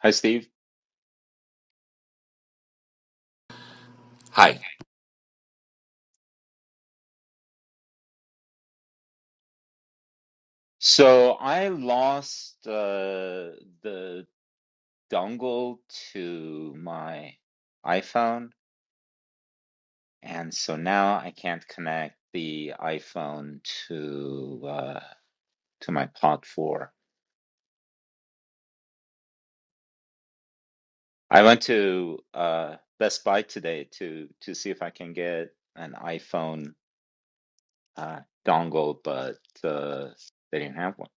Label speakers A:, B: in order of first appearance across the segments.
A: Hi, Steve.
B: Hi.
A: So I lost uh, the dongle to my iPhone, and so now I can't connect the iPhone to uh, to my Pod 4. I went to uh, Best Buy today to to see if I can get an iPhone uh, dongle, but uh, they didn't have one.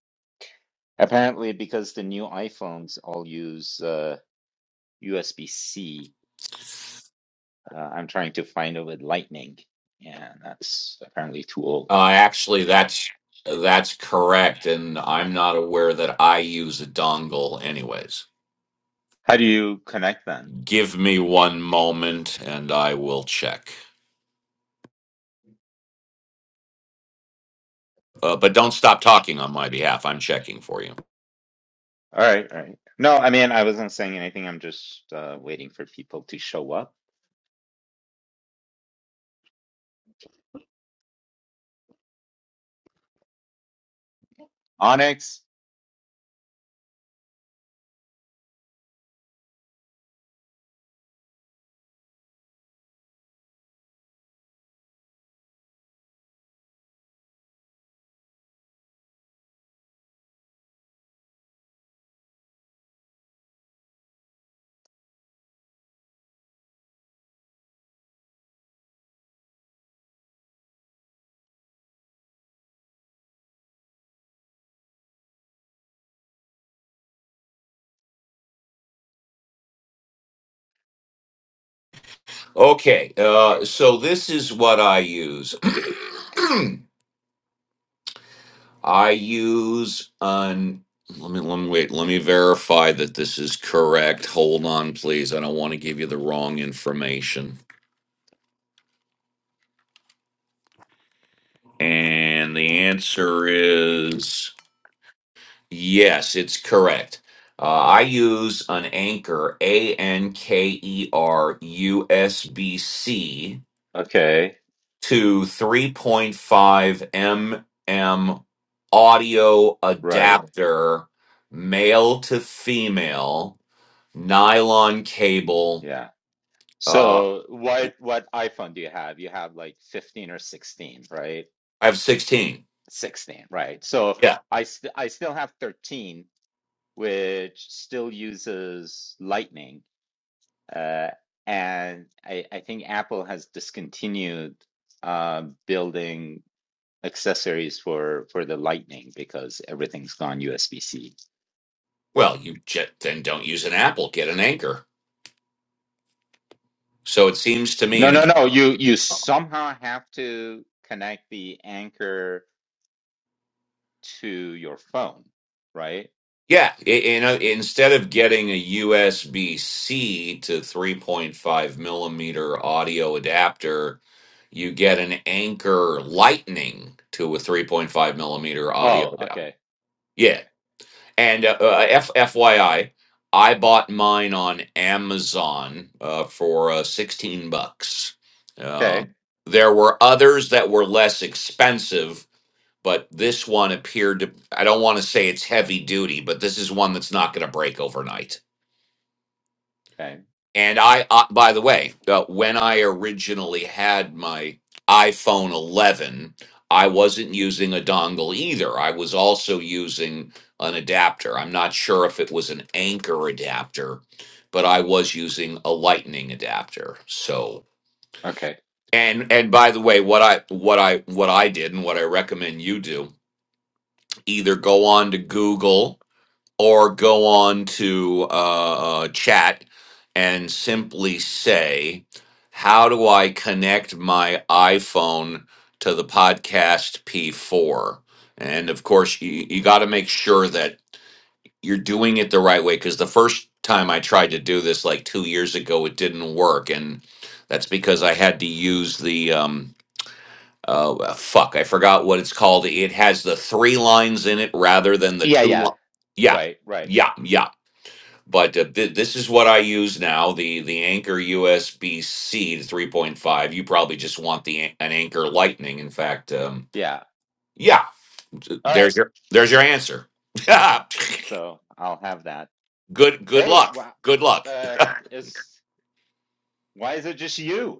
A: Apparently, because the new iPhones all use uh, USB-C Uh, I'm trying to find it with Lightning, and that's apparently too old.
B: Uh, actually, that's that's correct, and I'm not aware that I use a dongle. Anyways,
A: How do you connect then?
B: give me one moment, and I will check. Uh, but don't stop talking on my behalf. I'm checking for you.
A: All right, all right. No, I mean, I wasn't saying anything. I'm just uh, waiting for people to show up. Onyx.
B: Okay. Uh, so this is what I use. I use an. Let me let me wait. Let me verify that this is correct. Hold on, please. I don't want to give you the wrong information. And the answer is yes, it's correct. Uh, I use an anchor, A N K E R U S B C,
A: Okay,
B: to 3.5 mm audio
A: right.
B: adapter, male to female, nylon cable.
A: Yeah.
B: Uh,
A: So
B: I
A: what what iPhone do you have? You have like 15 or 16, right?
B: have 16.
A: 16, right. So
B: Yeah.
A: I st I still have 13, which still uses Lightning. Uh, and I, I think Apple has discontinued uh, building accessories for for the Lightning because everything's gone USB-C.
B: Well, you j- then don't use an Apple, get an anchor. So it seems to me,
A: No,
B: and again.
A: no, no. You you somehow have to connect the Anchor to your phone, right?
B: Yeah, i- you know, instead of getting a USB C to 3.5 millimeter audio adapter, you get an Anchor Lightning to a 3.5 millimeter
A: Oh,
B: audio adapter.
A: okay,
B: Yeah,
A: okay,
B: and uh, uh, F- FYI, I bought mine on Amazon uh, for uh, 16 bucks.
A: okay,
B: Um, there were others that were less expensive but this one appeared to i don't want to say it's heavy duty but this is one that's not going to break overnight
A: okay,
B: and i uh, by the way uh, when i originally had my iphone 11 i wasn't using a dongle either i was also using an adapter i'm not sure if it was an anchor adapter but i was using a lightning adapter so
A: okay.
B: and and by the way what i what i what i did and what i recommend you do either go on to google or go on to uh, uh, chat and simply say, How do I connect my iPhone to the podcast P4? And of course, you, you got to make sure that you're doing it the right way because the first time I tried to do this like two years ago, it didn't work. And that's because I had to use the. Um, uh, well, fuck, I forgot what it's called. It has the three lines in it rather than the
A: Yeah,
B: two.
A: yeah.
B: Li- yeah,
A: Right, right.
B: yeah, yeah but uh, th- this is what I use now the the Anchor USB C to 3.5. You probably just want the an- an Anchor Lightning. In fact, um,
A: Yeah.
B: yeah, th-
A: All
B: there's
A: right.
B: your there's your answer.
A: So I'll have that.
B: good good
A: Hey,
B: luck.
A: wow.
B: Good luck.
A: Uh, is why is it just you?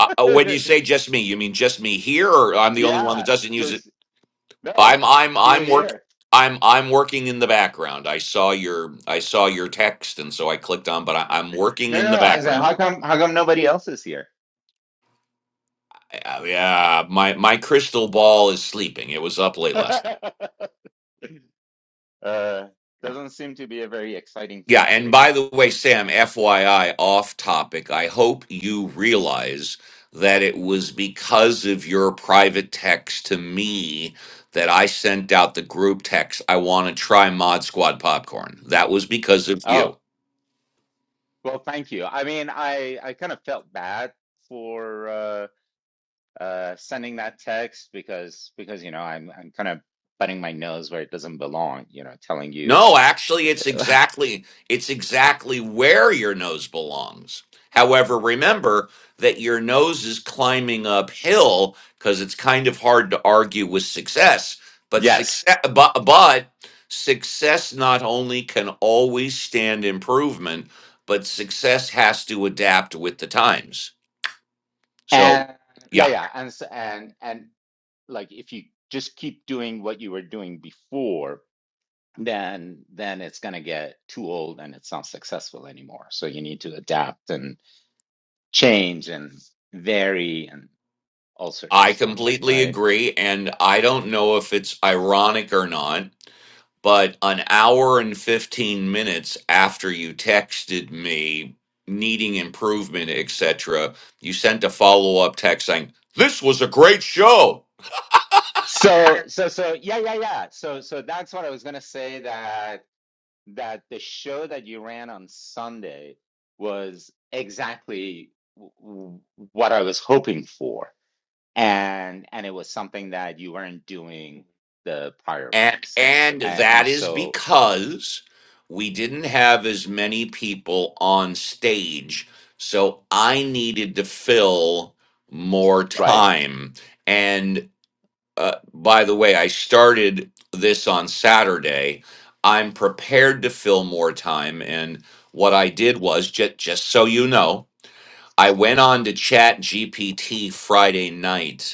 B: Uh, uh, when you say just me, you mean just me here, or I'm the only one that
A: Yeah,
B: doesn't use it?
A: just no,
B: I'm I'm
A: See you
B: I'm work
A: here.
B: I'm I'm working in the background. I saw your I saw your text, and so I clicked on. But I, I'm working
A: No,
B: in
A: no,
B: the
A: no. I said,
B: background.
A: how come how come nobody else is here?
B: Uh, yeah, my my crystal ball is sleeping. It was up late last night.
A: Uh,
B: Yeah,
A: doesn't seem to be a very exciting
B: yeah, and
A: topic.
B: by the way, Sam, FYI, off topic, I hope you realize that it was because of your private text to me that I sent out the group text, I want to try Mod Squad popcorn. That was because of you.
A: Oh, well, thank you. I mean, I I kind of felt bad for uh uh sending that text because because you know, I'm I'm kind of butting my nose where it doesn't belong, you know, telling you
B: No, actually, it's exactly it's exactly where your nose belongs. However, remember that your nose is climbing uphill because it's kind of hard to argue with success. But
A: yes.
B: success, but, but success not only can always stand improvement, but success has to adapt with the times. So,
A: And yeah,
B: yeah,
A: yeah, and s- and and like if you just keep doing what you were doing before then then it's going to get too old and it's not successful anymore so you need to adapt and change and vary and all sorts of
B: I
A: stuff
B: completely
A: right
B: agree, and I don't know if it's ironic or not but an hour and 15 minutes after you texted me needing improvement etc you sent a follow-up text saying this was a great show
A: so so so yeah yeah yeah so so that's what i was going to say that that the show that you ran on sunday was exactly w- w- what i was hoping for and and it was something that you weren't doing the prior
B: and
A: weeks
B: and
A: and,
B: that
A: and
B: is
A: so
B: because we didn't have as many people on stage so i needed to fill more
A: right
B: time and. uh, by the way, I started this on Saturday. I'm prepared to fill more time. And what I did was just, just so you know, I went on to Chat GPT Friday night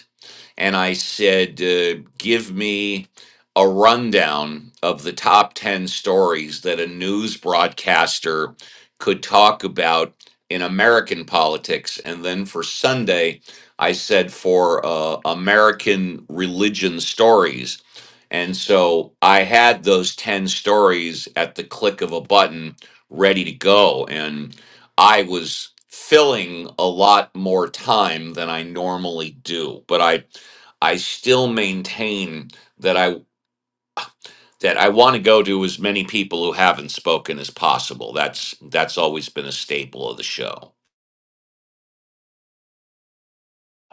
B: and I said, uh, give me a rundown of the top 10 stories that a news broadcaster could talk about in American politics. And then for Sunday, I said for uh, American religion stories. And so I had those 10 stories at the click of a button ready to go. And I was filling a lot more time than I normally do. But I I still maintain that I that I want to go to as many people who haven't spoken as possible. That's that's always been a staple of the show.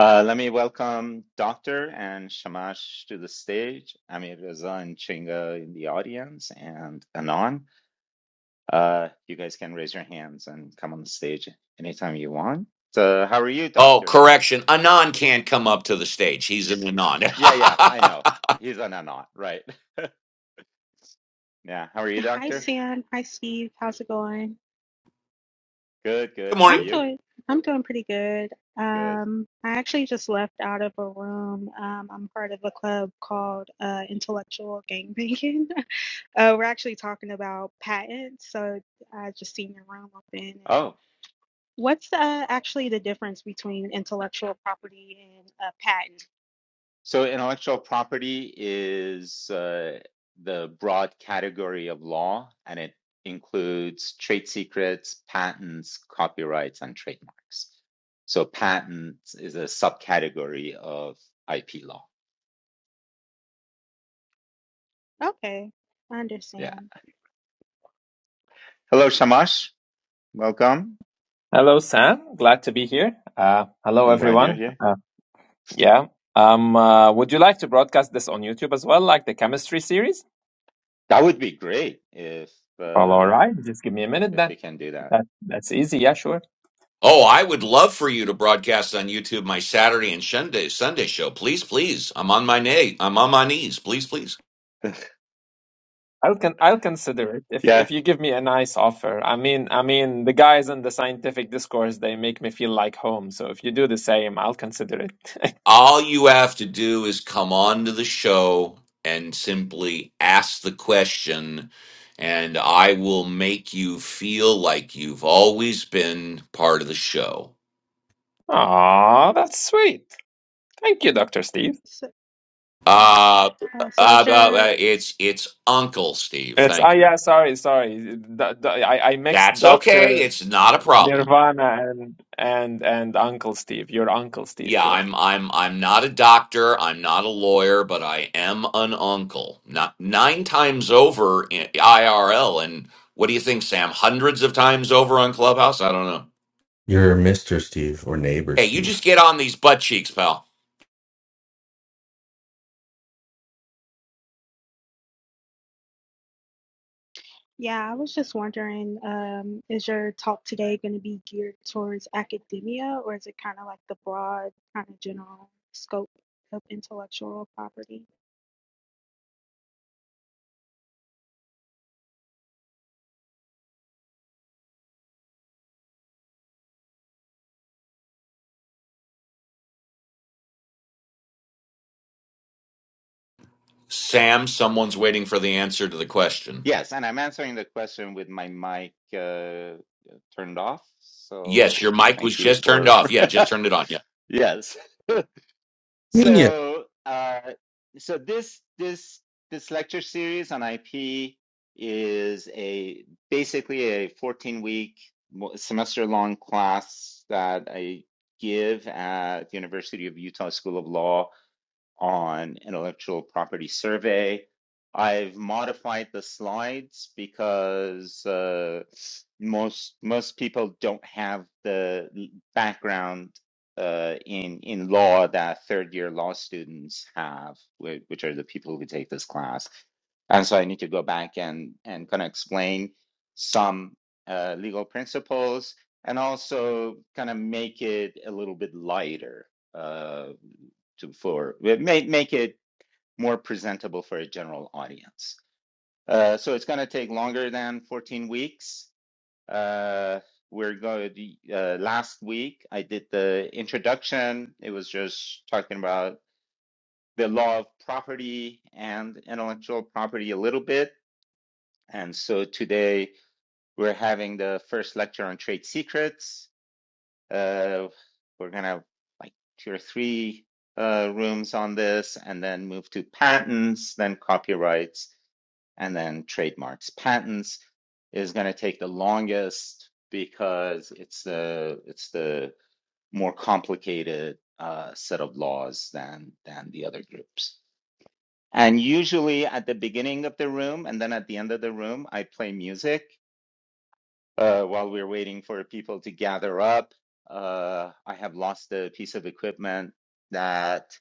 A: uh, let me welcome Doctor and Shamash to the stage, Amir Reza and Chinga in the audience, and Anon. Uh, you guys can raise your hands and come on the stage anytime you want. So, how are you,
B: Oh,
A: Doctor?
B: correction. Anon can't come up to the stage. He's an Anon.
A: Yeah, yeah, I know. He's an Anon, right? yeah, how are you,
C: Hi
A: Doctor?
C: Sam, hi Steve, how's it going?
A: Good, good.
B: Good
A: How are
C: I'm
B: morning.
A: you?
C: doing I'm doing pretty good.
A: Good.
C: Um, I actually just left out of a room. Um, I'm part of a club called uh, Intellectual Gangbanging. uh, we're actually talking about patents, so I just seen your room open. And
A: Oh.
C: what's uh, actually the difference between intellectual property and a patent?
A: So intellectual property is uh, the broad category of law, and it includes trade secrets, patents, copyrights, and trademarks. So patents is a subcategory of IP law.
C: Okay, I
A: Yeah.
C: understand.
A: Hello, Shamash. Welcome.
D: Hello, Sam. Glad to be here. Uh, hello,
A: I'm glad you're
D: everyone.
A: here.
D: Uh, yeah. Um, uh, would you like to broadcast this on YouTube as well, like the chemistry series?
A: That would be great if
D: Well, all
A: uh,
D: right. Just give me a minute.
A: if we
D: That
A: can do that.
D: that that's easy. Yeah, sure.
B: Oh, I would love for you to broadcast on YouTube my Saturday and Sunday Sunday show. Please, please. I'm on my knee. I'm on my knees. Please, please.
D: I'll can I'll consider it if
A: yeah.
D: if you give me a nice offer. I mean, I mean, the guys in the scientific discourse they make me feel like home. So if you do the same, I'll consider it.
B: All you have to do is come on to the show and simply ask the question, and I will make you feel like you've always been part of the show.
D: Aw, that's sweet. Thank you, Dr. Steve.
C: So,
B: Uh,
C: uh, so
B: uh,
C: is
B: uh,
C: your
B: uh, it's it's Uncle Steve.
D: It's ah
B: Thank you.
D: yeah, sorry, sorry. D- d- I I mixed
B: That's okay.
D: Doctor
B: It's not a problem.
D: Nirvana and and and Uncle Steve, your Uncle Steve,
B: Yeah,
D: sure.
B: I'm I'm I'm not a doctor, I'm not a lawyer, but I am an uncle. Not nine times over in IRL and what do you think, Sam? Hundreds of times over on Clubhouse? I don't know.
E: You're Mr. Steve or neighbor
B: Hey, you just
E: Steve.
B: get on these butt cheeks, pal.
C: Yeah, I was just wondering, um, is your talk today going to be geared towards academia, or is it kind of like the broad, kind of general scope of intellectual property?
B: Sam, someone's waiting for the answer to the question.
A: Yes, and I'm answering the question with my mic uh, turned off.
B: Yes, your
A: So
B: mic was
A: thank you
B: just turned
A: for
B: off. Yeah, just turned it on. Yeah.
A: yes.
E: Yeah.
A: So uh, so this this this lecture series on IP is a basically a 14 week semester long class that I give at the University of Utah School of Law on intellectual property survey. I've modified the slides because uh, most most people don't have the background uh, in in law that third year law students have, whi- which are the people who take this class. And so I need to go back and and kind of explain some uh, legal principles and also kind of make it a little bit lighter Uh, to for make make it more presentable for a general audience. Uh, so it's going to take longer than 14 weeks. Uh, we're going to, uh, last week I did the introduction. It was just talking about the law of property and intellectual property a little bit. And so today we're having the first lecture on trade secrets. Uh, we're gonna like two or three uh, rooms on this, and then move to patents, then copyrights, and then trademarks. Patents is gonna take the longest because it's the it's the more complicated uh, set of laws than than the other groups. And usually at the beginning of the room and then at the end of the room, I play music uh, while we're waiting for people to gather up. Uh, I have lost a piece of equipment that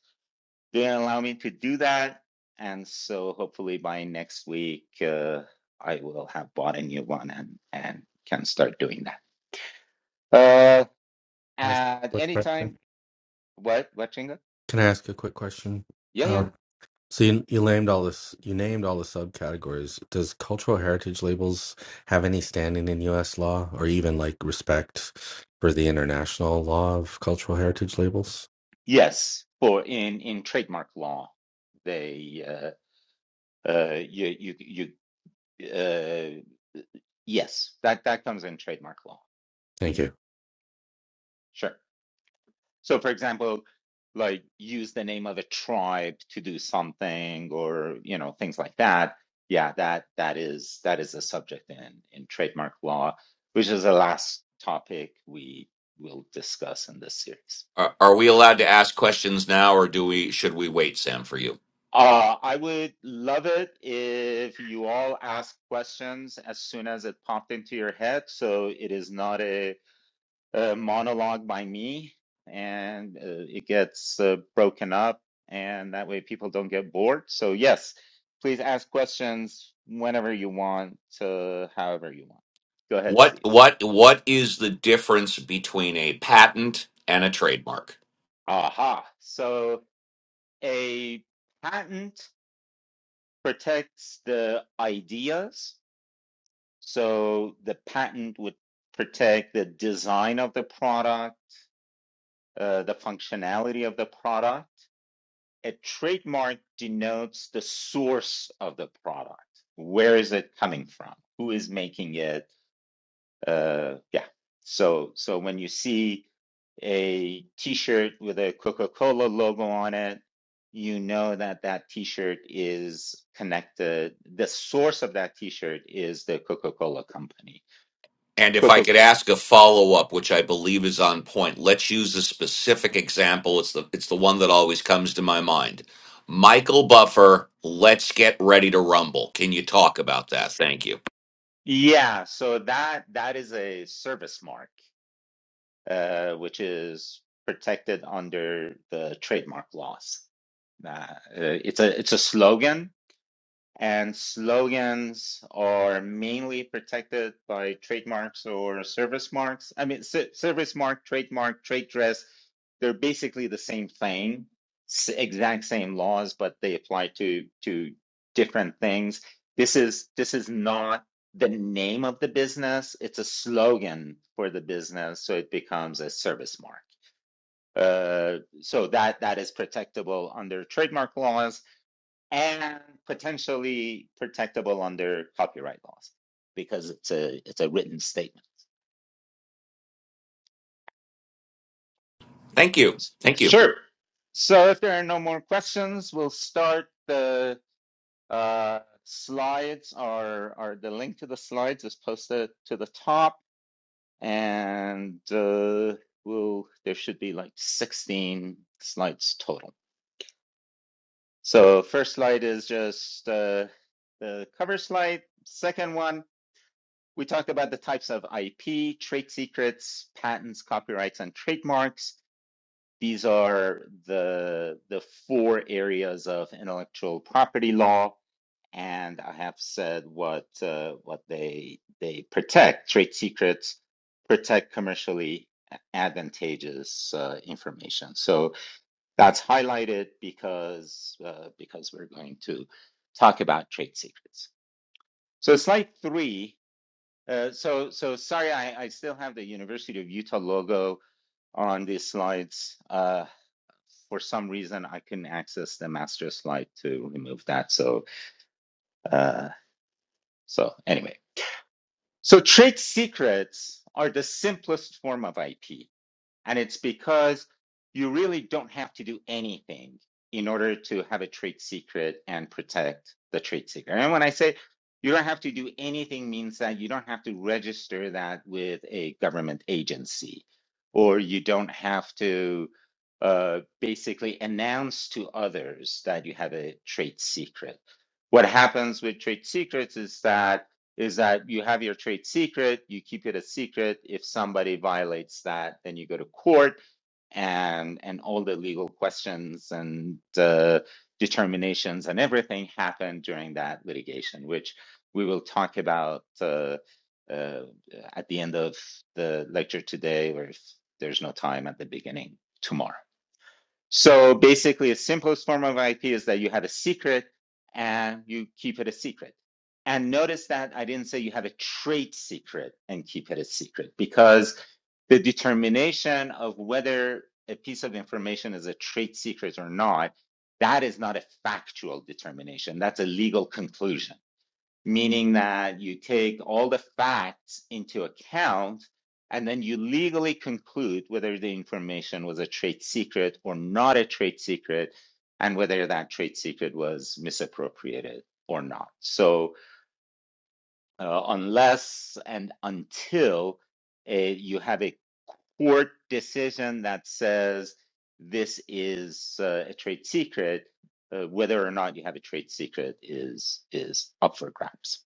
A: didn't allow me to do that. And so hopefully by next week, uh, I will have bought a new one and, and can start doing that. Uh,
E: Can I ask a
A: at
E: quick
A: any
E: question?
A: time, what, what, Chinga?
E: Can I ask a quick question?
A: Yeah, yeah.
E: Um, so you, you named all this. You named all the subcategories. Does cultural heritage labels have any standing in U.S. law, or even like respect for the international law of cultural heritage labels?
A: Yes, for in, in trademark law, they, uh, uh, you, you, you, uh, yes, that, that comes in trademark law.
E: Thank you.
A: Sure. So, for example, like use the name of a tribe to do something, or you know things like that. Yeah, that that is that is a subject in in trademark law, which is the last topic we will discuss in this series.
B: Are, are we allowed to ask questions now or do we should we wait, Sam, for you?
A: Uh, I would love it if you all ask questions as soon as it popped into your head, so it is not a uh, monologue by me and uh, it gets uh, broken up and that way people don't get bored. So yes, please ask questions whenever you want, uh, however you want. Go ahead,
B: What
A: Steve.
B: what what is the difference between a patent and a trademark?
A: Aha. So a patent protects the ideas. So the patent would protect the design of the product, uh, the functionality of the product. a trademark denotes the source of the product. Where is it coming from? Who is making it? Uh, yeah. So so when you see a T-shirt with a Coca-Cola logo on it, you know that that T-shirt is connected. The source of that T-shirt is the Coca-Cola company.
B: And if I
A: Coca.
B: could ask a follow up, which I believe is on point, let's use a specific example. It's the it's the one that always comes to my mind. Michael Buffer, let's get ready to rumble. Can you talk about that? Thank you.
A: Yeah. So that that is a service mark, uh, which is protected under the trademark laws. Nah, uh, it's a it's a slogan, and slogans are mainly protected by trademarks or service marks. I mean, ser- service mark, trademark, trade dress, they're basically the same thing, s- exact same laws, but they apply to to different things. This is this is not the name of the business, it's a slogan for the business, so it becomes a service mark. Uh, so that that is protectable under trademark laws and potentially protectable under copyright laws because it's a it's a written statement.
B: Thank you. Thank you.
A: Sure. So if there are no more questions, we'll start the uh, slides or or the link to the slides is posted to the top and uh, we'll there should be like 16 slides total. So first slide is just uh, the cover slide. Second one We talked about the types of IP, trade secrets, patents, copyrights, and trademarks. These are the, the four areas of intellectual property law. And I have said what uh, what they they protect. Trade secrets protect commercially advantageous uh, information. So that's highlighted because uh, because we're going to talk about trade secrets. So slide three uh, so, so sorry, I, I still have the University of Utah logo on these slides. Uh, for some reason, I couldn't access the master slide to remove that. So, uh, so anyway, so trade secrets are the simplest form of IP. And it's because you really don't have to do anything in order to have a trade secret and protect the trade secret. And when I say you don't have to do anything means that you don't have to register that with a government agency, or you don't have to uh, basically announce to others that you have a trade secret. What happens with trade secrets is that is that you have your trade secret, you keep it a secret. If somebody violates that, then you go to court and and all the legal questions and uh, determinations and everything happen during that litigation, which we will talk about uh, uh, at the end of the lecture today, or if there's no time at the beginning tomorrow. So basically, a simplest form of IP is that you have a secret and you keep it a secret. And notice that I didn't say you have a trade secret and keep it a secret because the determination of whether a piece of information is a trade secret or not, that is not a factual determination. That's a legal conclusion meaning that you take all the facts into account and then you legally conclude whether the information was a trade secret or not a trade secret and whether that trade secret was misappropriated or not. So, uh, unless and until uh, you have a court decision that says this is uh, a trade secret, uh, whether or not you have a trade secret is is up for grabs.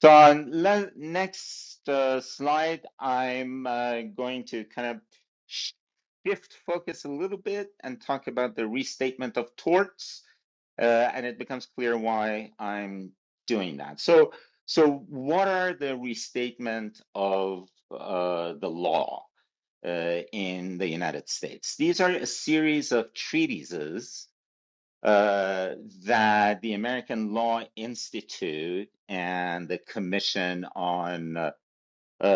A: So on le next uh, slide, I'm uh, going to kind of shift focus a little bit and talk about the restatement of torts, uh, and it becomes clear why I'm doing that. So, so what are the restatement of uh, the law uh, in the United States? These are a series of treatises uh, that the American Law Institute and the Commission on uh, uh,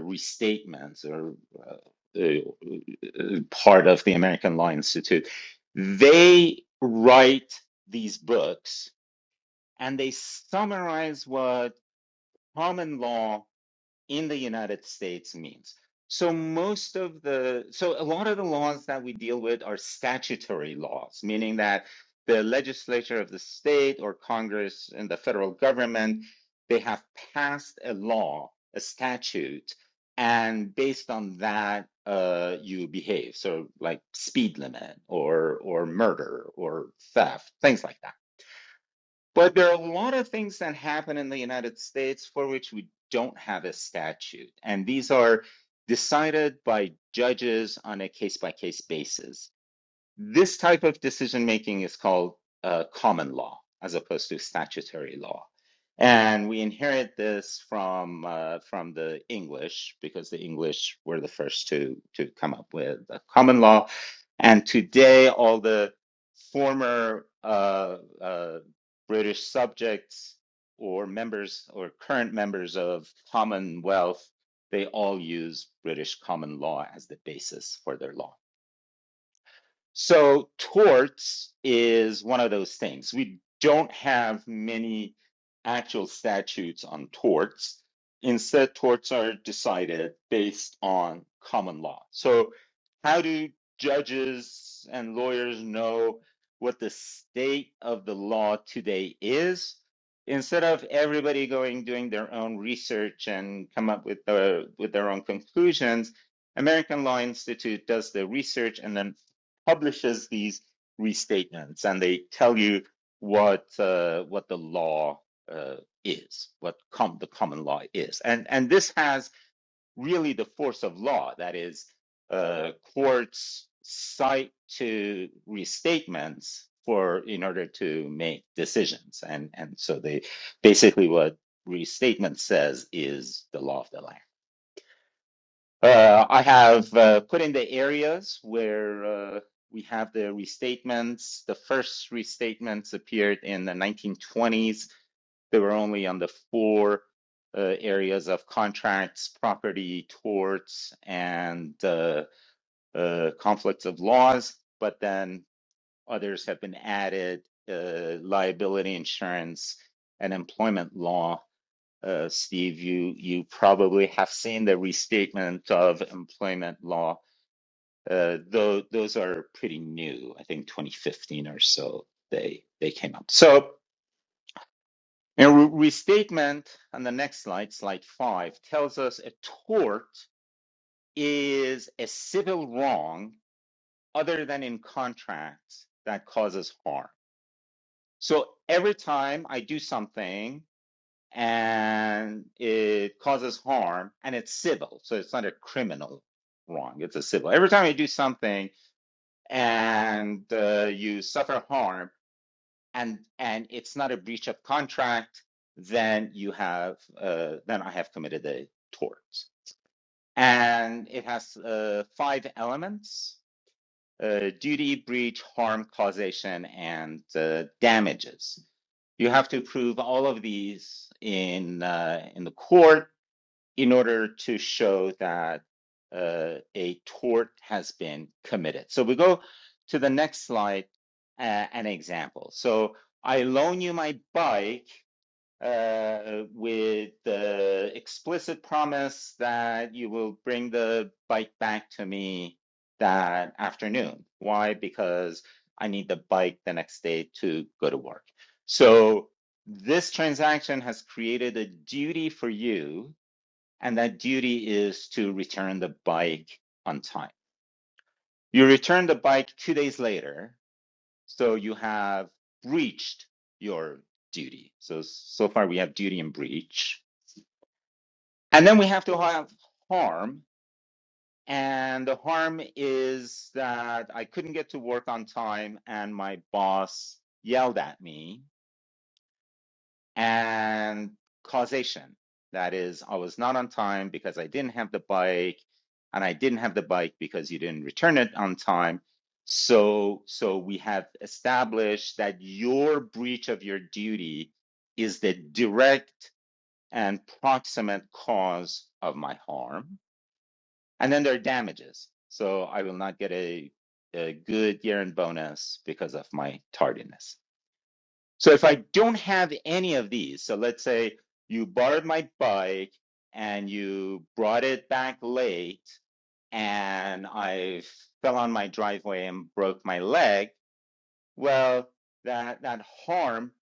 A: Restatements, or uh, uh, part of the American Law Institute, they write these books and they summarize what common law in the United States means. So most of the so a lot of the laws that we deal with are statutory laws, meaning that the legislature of the state or Congress and the federal government they have passed a law, a statute, and based on that uh, you behave. So like speed limit or or murder or theft, things like that. But there are a lot of things that happen in the United States for which we don't have a statute. And these are decided by judges on a case by case basis. This type of decision making is called uh, common law as opposed to statutory law. And we inherit this from uh, from the English because the English were the first to to come up with the common law. And today, all the former uh, uh, British subjects or members or current members of Commonwealth, they all use British common law as the basis for their law. So torts is one of those things. We don't have many actual statutes on torts. Instead, torts are decided based on common law. So, how do judges and lawyers know what the state of the law today is? Instead of everybody going doing their own research and come up with their with their own conclusions, American Law Institute does the research and then publishes these restatements and they tell you what uh, what the law uh, is, what com- the common law is, and and this has really the force of law. That is, uh, courts cite to restatements for in order to make decisions, and and so they basically what restatement says is the law of the land. Uh, I have uh, put in the areas where uh, we have the restatements. The first restatements appeared in the 1920s. They were only on the four uh, areas of contracts, property, torts, and uh, uh, conflicts of laws, but then others have been added uh, liability insurance and employment law uh, Steve, you you probably have seen the restatement of employment law. Uh, though those are pretty new, I think 2015 or so they they came up. So a restatement on the next slide, slide five, tells us a tort is a civil wrong other than in contracts that causes harm. So every time I do something and it causes harm and it's civil. So it's not a criminal wrong, it's a civil. Every time you do something and uh, you suffer harm and and it's not a breach of contract, then you have uh, then I have committed a tort. And it has uh, five elements. Uh, duty, breach, harm, causation, and uh, damages. You have to prove all of these in uh, in the court in order to show that uh, a tort has been committed. So we go to the next slide, uh, an example. So I loan you my bike uh, with the explicit promise that you will bring the bike back to me that afternoon. Why? Because I need the bike the next day to go to work. So this transaction has created a duty for you and that duty is to return the bike on time. You return the bike two days later, so you have breached your duty. So so far we have duty and breach, and then we have to have harm, and the harm is that I couldn't get to work on time, and my boss yelled at me and causation. That is, I was not on time because I didn't have the bike, and I didn't have the bike because you didn't return it on time. So, so we have established that your breach of your duty is the direct and proximate cause of my harm. And then there are damages. So I will not get a, a good year end bonus because of my tardiness. So if I don't have any of these, so let's say you borrowed my bike and you brought it back late and I fell on my driveway and broke my leg, well, that that harm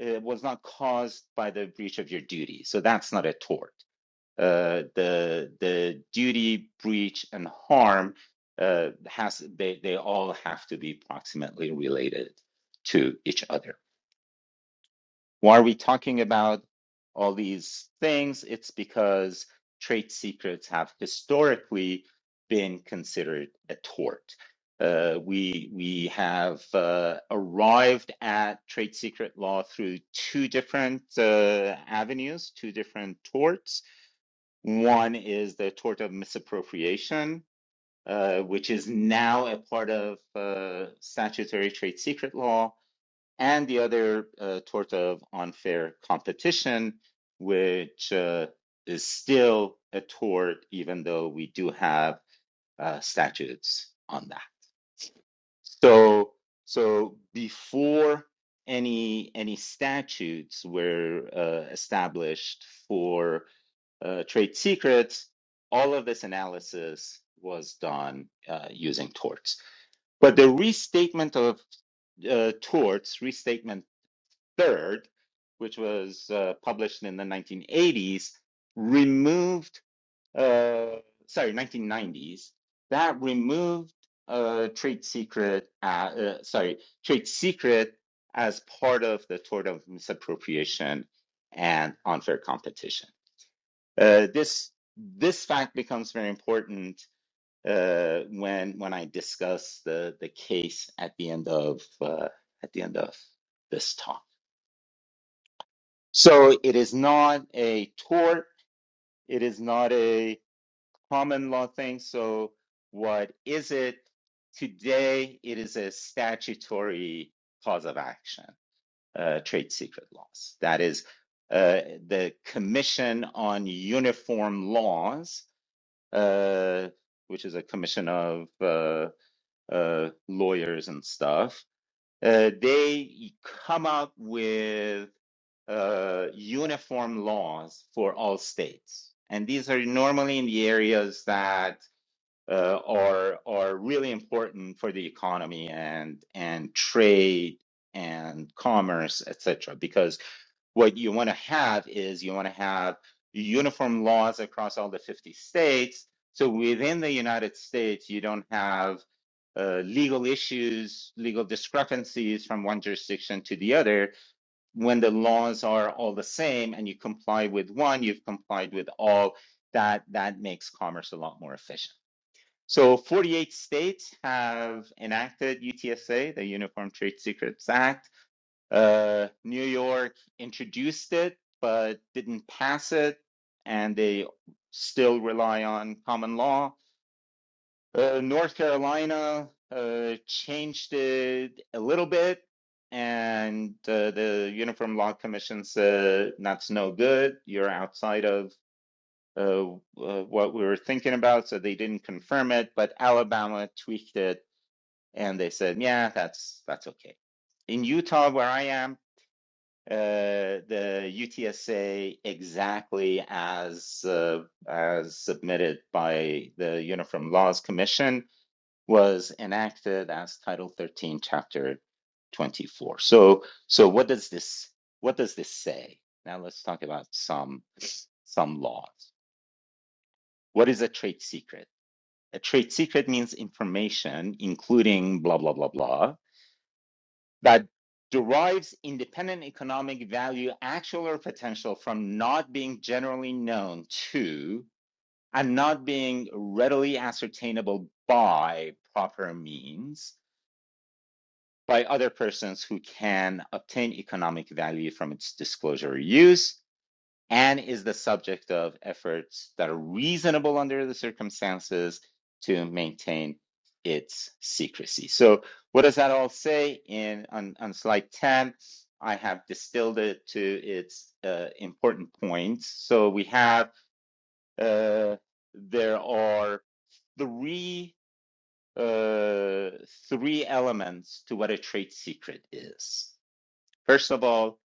A: uh, was not caused by the breach of your duty. So that's not a tort. Uh, the the duty breach and harm uh, has they they all have to be proximately related to each other. Why are we talking about all these things? It's because trade secrets have historically been considered a tort. Uh, we we have uh, arrived at trade secret law through two different uh, avenues, two different torts. One is the tort of misappropriation, uh, which is now a part of uh, statutory trade secret law and the other uh, tort of unfair competition, which uh, is still a tort, even though we do have uh, statutes on that. So, so before any any statutes were uh, established for uh, trade secrets, all of this analysis was done uh, using torts. But the restatement of uh, torts, restatement Third, which was uh, published in the 1980s, removed, uh, sorry, 1990s, that removed uh, trade secret, uh, uh, sorry, trade secret as part of the tort of misappropriation and unfair competition. Uh, this this fact becomes very important uh, when when I discuss the the case at the end of uh, at the end of this talk. So it is not a tort, it is not a common law thing. So what is it? Today, it is a statutory cause of action, uh, trade secret laws. That is uh, the Commission on Uniform Laws, uh, which is a commission of uh, uh, lawyers and stuff uh, they come out with uh, uniform laws for all states. And these are normally in the areas that uh, are are really important for the economy and and trade and commerce, etc what you want to have is you want to have uniform laws across all the 50 states. So within the United States, you don't have uh, legal issues, legal discrepancies from one jurisdiction to the other. When the laws are all the same and you comply with one, you've complied with all. That that makes commerce a lot more efficient. So 48 states have enacted UTSA, the Uniform Trade Secrets Act uh, New York introduced it, but didn't pass it, and they still rely on common law. Uh, North Carolina uh, changed it a little bit, and uh, the Uniform Law Commission said that's no good. You're outside of uh, uh, what we were thinking about, so they didn't confirm it. But Alabama tweaked it, and they said, yeah, that's that's okay. In Utah, where I am, uh, the UTSA exactly as uh, as submitted by the Uniform Laws Commission was enacted as Title 13, Chapter 24. So, so what does this what does this say? Now let's talk about some some laws. What is a trade secret? A trade secret means information, including blah blah blah blah, that derives independent economic value, actual or potential, from not being generally known to and not being readily ascertainable by proper means by other persons who can obtain economic value from its disclosure or use and is the subject of efforts that are reasonable under the circumstances to maintain its secrecy. So, what does that all say? In on, on slide 10, I have distilled it to its uh, important points. So, we have uh, there are three uh three elements to what a trade secret is first of all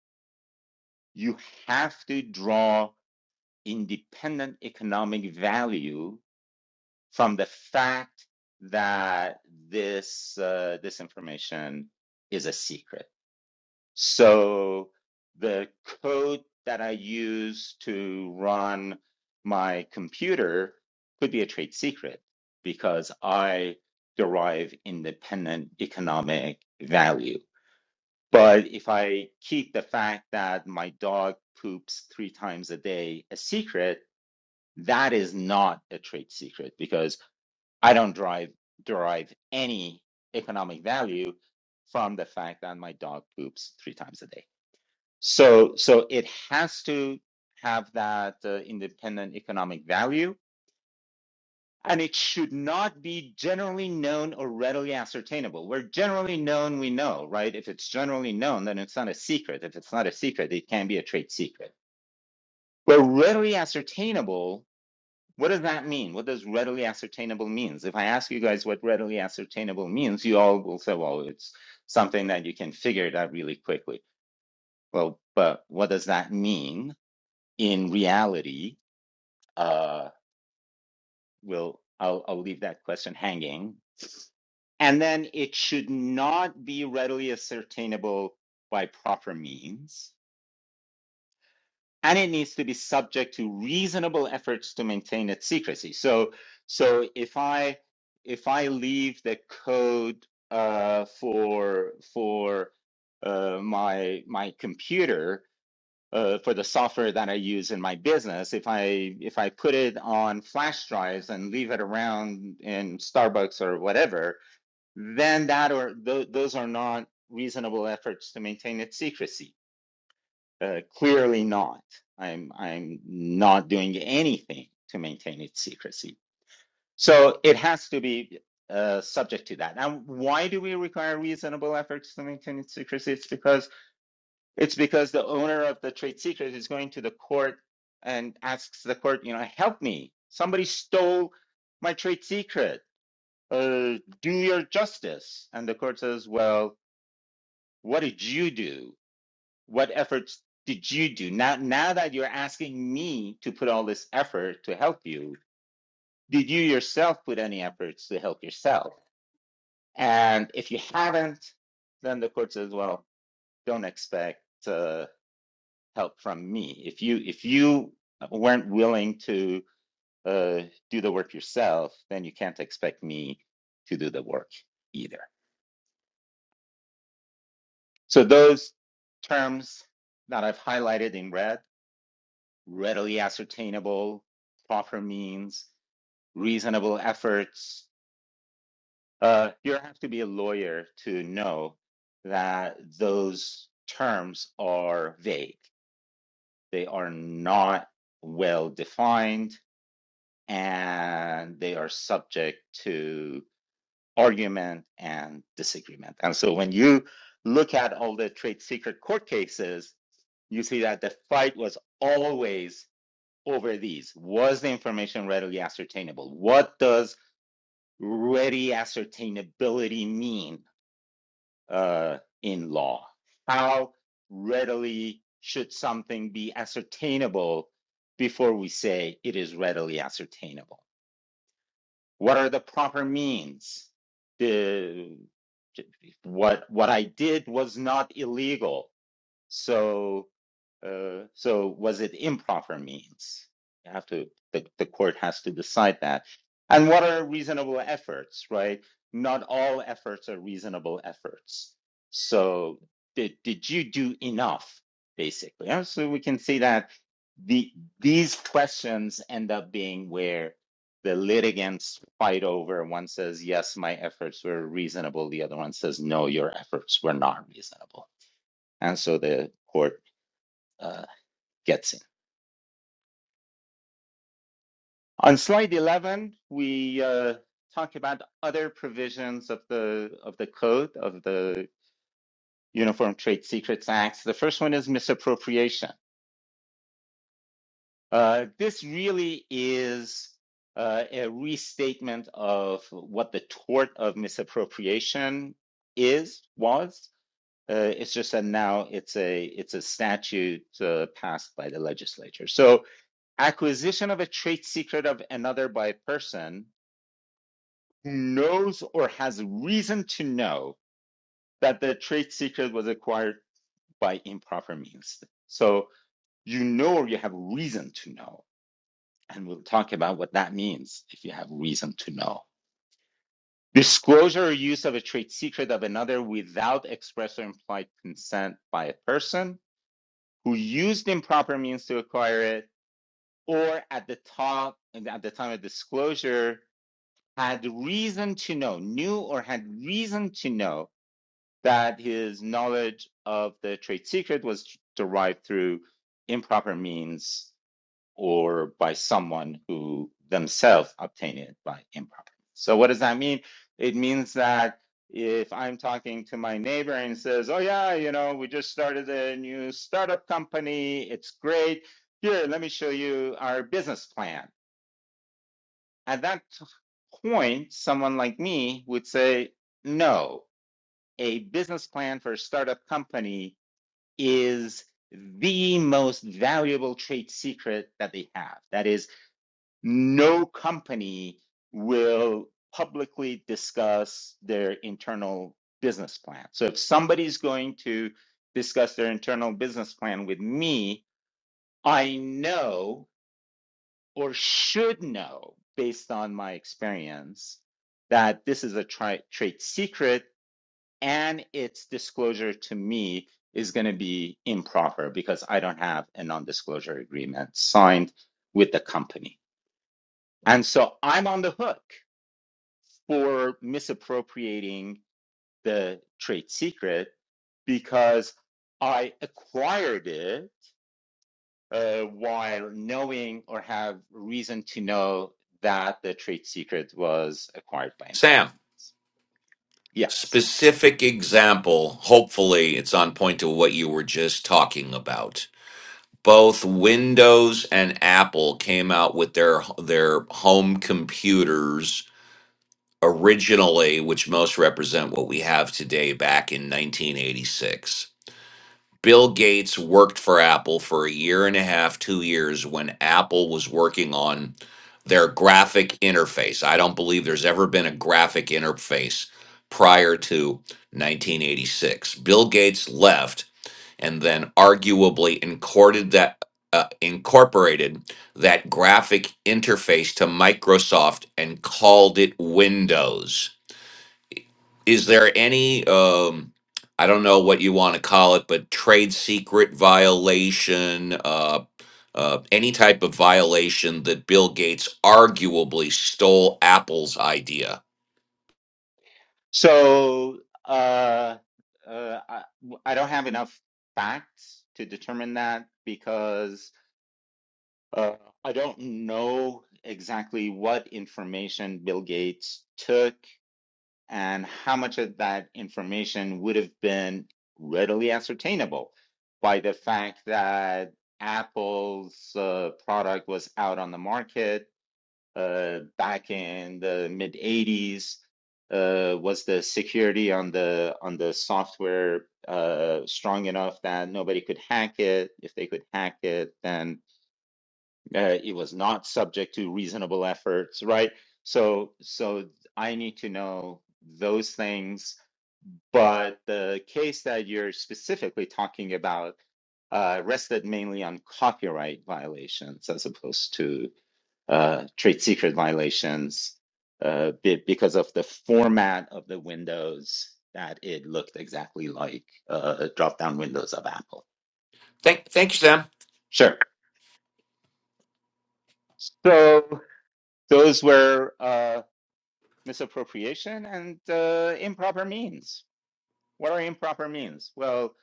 A: you have to draw independent economic value from the fact that this uh, this information is a secret. So the code that I use to run my computer could be a trade secret because I derive independent economic value. But if I keep the fact that my dog poops three times a day a secret, that is not a trade secret because I don't drive, derive any economic value from the fact that my dog poops three times a day. So, so it has to have that uh, independent economic value, and it should not be generally known or readily ascertainable. Where generally known, we know, right? If it's generally known, then it's not a secret. If it's not a secret, it can be a trade secret. Where readily ascertainable What does that mean? What does readily ascertainable means? If I ask you guys what readily ascertainable means, you all will say, well, it's something that you can figure it out really quickly. Well, but what does that mean in reality? Uh, will I'll, I'll leave that question hanging. And then it should not be readily ascertainable by proper means and it needs to be subject to reasonable efforts to maintain its secrecy. So, so if I if I leave the code uh, for for uh, my my computer uh, for the software that I use in my business, if I if I put it on flash drives and leave it around in Starbucks or whatever, then that or th- those are not reasonable efforts to maintain its secrecy uh, clearly not. I'm I'm not doing anything to maintain its secrecy. So it has to be uh, subject to that. And why do we require reasonable efforts to maintain its secrecy? It's because it's because the owner of the trade secret is going to the court and asks the court, you know, help me. Somebody stole my trade secret. Uh, do your justice. And the court says, well, what did you do? What efforts did you do? Now, now that you're asking me to put all this effort to help you, did you yourself put any efforts to help yourself? And if you haven't, then the court says, well, don't expect uh, help from me. If you if you weren't willing to uh, do the work yourself, then you can't expect me to do the work either. So those terms that I've highlighted in red readily ascertainable, proper means, reasonable efforts. Uh, you have to be a lawyer to know that those terms are vague. They are not well defined and they are subject to argument and disagreement. And so when you look at all the trade secret court cases, you see that the fight was always over these? Was the information readily ascertainable? What does ready ascertainability mean uh, in law? How readily should something be ascertainable before we say it is readily ascertainable? What are the proper means? The, what, what I did was not illegal. So Uh, so was it improper means? You have to the, the court has to decide that. And what are reasonable efforts, right? Not all efforts are reasonable efforts. So did did you do enough, basically? Yeah, So we can see that the these questions end up being where the litigants fight over. One says, yes, my efforts were reasonable. The other one says, no, your efforts were not reasonable. And so the court uh, gets in. On slide 11, we uh, talk about other provisions of the of the code of the Uniform Trade Secrets Act. The first one is misappropriation. Uh, this really is uh, a restatement of what the tort of misappropriation is was. Uh, it's just that now it's a it's a statute uh, passed by the legislature. So acquisition of a trade secret of another by a person who knows or has reason to know that the trade secret was acquired by improper means. So you know or you have reason to know. And we'll talk about what that means if you have reason to know. Disclosure or use of a trade secret of another without express or implied consent by a person who used improper means to acquire it or at the top at the time of disclosure had reason to know, knew or had reason to know that his knowledge of the trade secret was derived through improper means or by someone who themselves obtained it by improper. means. So what does that mean? It means that if I'm talking to my neighbor and says, "Oh yeah, you know, we just started a new startup company. It's great. Here, let me show you our business plan." At that point, someone like me would say, "No, a business plan for a startup company is the most valuable trade secret that they have. That is, no company will publicly discuss their internal business plan. So if somebody's going to discuss their internal business plan with me, I know or should know based on my experience that this is a tri- trade secret and its disclosure to me is going to be improper because I don't have a non disclosure agreement signed with the company. And so I'm on the hook for misappropriating the trade secret because I acquired it uh, while knowing or have reason to know that the trade secret was acquired by improper
B: Sam,
A: means. Yes.
B: specific example. Hopefully it's on point to what you were just talking about. both Windows and Apple came out with their their home computers originally, which most represent what we have today back in 1986. Bill Gates worked for Apple for a year and a half, 2 years when Apple was working on their graphic interface. I don't believe there's ever been a graphic interface prior to 1986. Bill Gates left and then arguably incorporated that uh, incorporated that graphic interface to Microsoft and called it Windows. Is there any um, I don't know what you want to call it, but trade secret violation, uh, uh, any type of violation that Bill Gates arguably stole Apple's idea?
A: So uh, uh, I, I don't have enough facts to determine that because uh, I don't know exactly what information Bill Gates took and how much of that information would have been readily ascertainable by the fact that Apple's uh, product was out on the market uh, back in the mid 80s uh, was the security on the on the software uh, strong enough that nobody could hack it? If they could hack it, then uh, it was not subject to reasonable efforts, right? So so I need to know those things. But the case that you're specifically talking about uh, rested mainly on copyright violations as opposed to uh, trade secret violations uh, be- because of the format of the windows that it looked exactly like uh, drop down windows of Apple.
B: Thank, thank you, Sam.
A: Sure. So those were uh, misappropriation and uh, improper means. What are improper means? Well,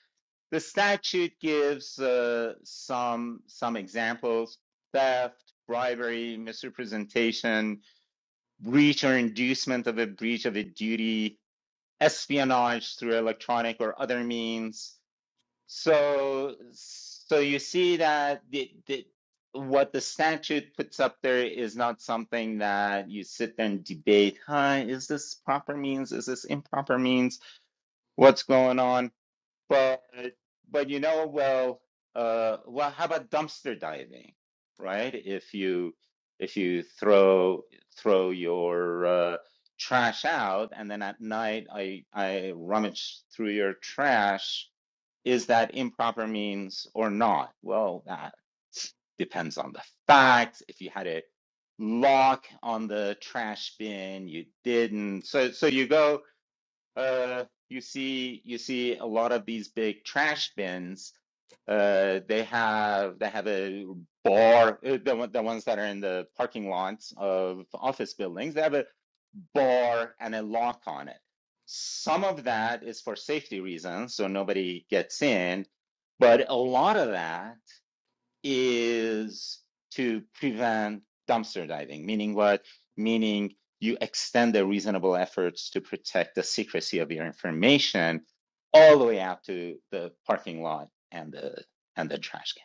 A: the statute gives uh, some some examples: theft, bribery, misrepresentation, breach or inducement of a breach of a duty, espionage through electronic or other means. So, so you see that the, the, what the statute puts up there is not something that you sit there and debate, huh, is this proper means? Is this improper means? What's going on? But but you know, well, uh, well, how about dumpster diving, right? If you if you throw throw your uh, trash out, and then at night I I rummage through your trash, is that improper means or not? Well, that depends on the facts. If you had a lock on the trash bin, you didn't. So so you go uh, you see you see a lot of these big trash bins. Uh, they have they have a bar. uh, The one- the ones that are in the parking lots of office buildings. They have a bar and a lock on it. Some of that is for safety reasons, so nobody gets in. But a lot of that is to prevent dumpster diving, meaning what? Meaning you extend the reasonable efforts to protect the secrecy of your information all the way out to the parking lot and the and the trash can.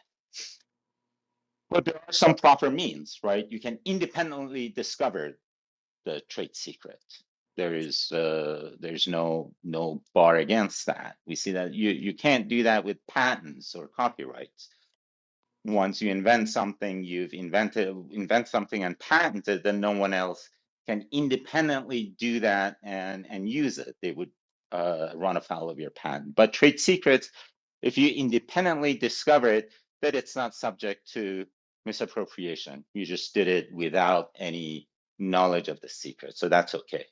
A: But there are some proper means, right? You can independently discover the trade secret. There is uh, there's no no bar against that. We see that you you can't do that with patents or copyrights once you invent something, you've invented invent something and patented, then no one else can independently do that and and use it. They would uh, run afoul of your patent. But trade secrets, if you independently discover it, that it's not subject to misappropriation. You just did it without any knowledge of the secret, so that's okay.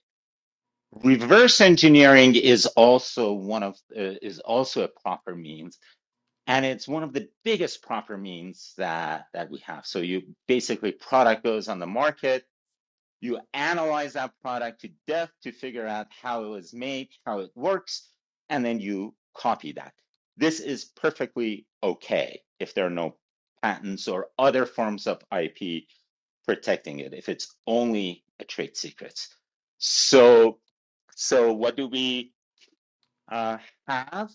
A: Reverse engineering is also one of uh, is also a proper means and it's one of the biggest proper means that that we have so you basically product goes on the market you analyze that product to death to figure out how it was made how it works and then you copy that this is perfectly okay if there are no patents or other forms of ip protecting it if it's only a trade secret so so what do we uh, have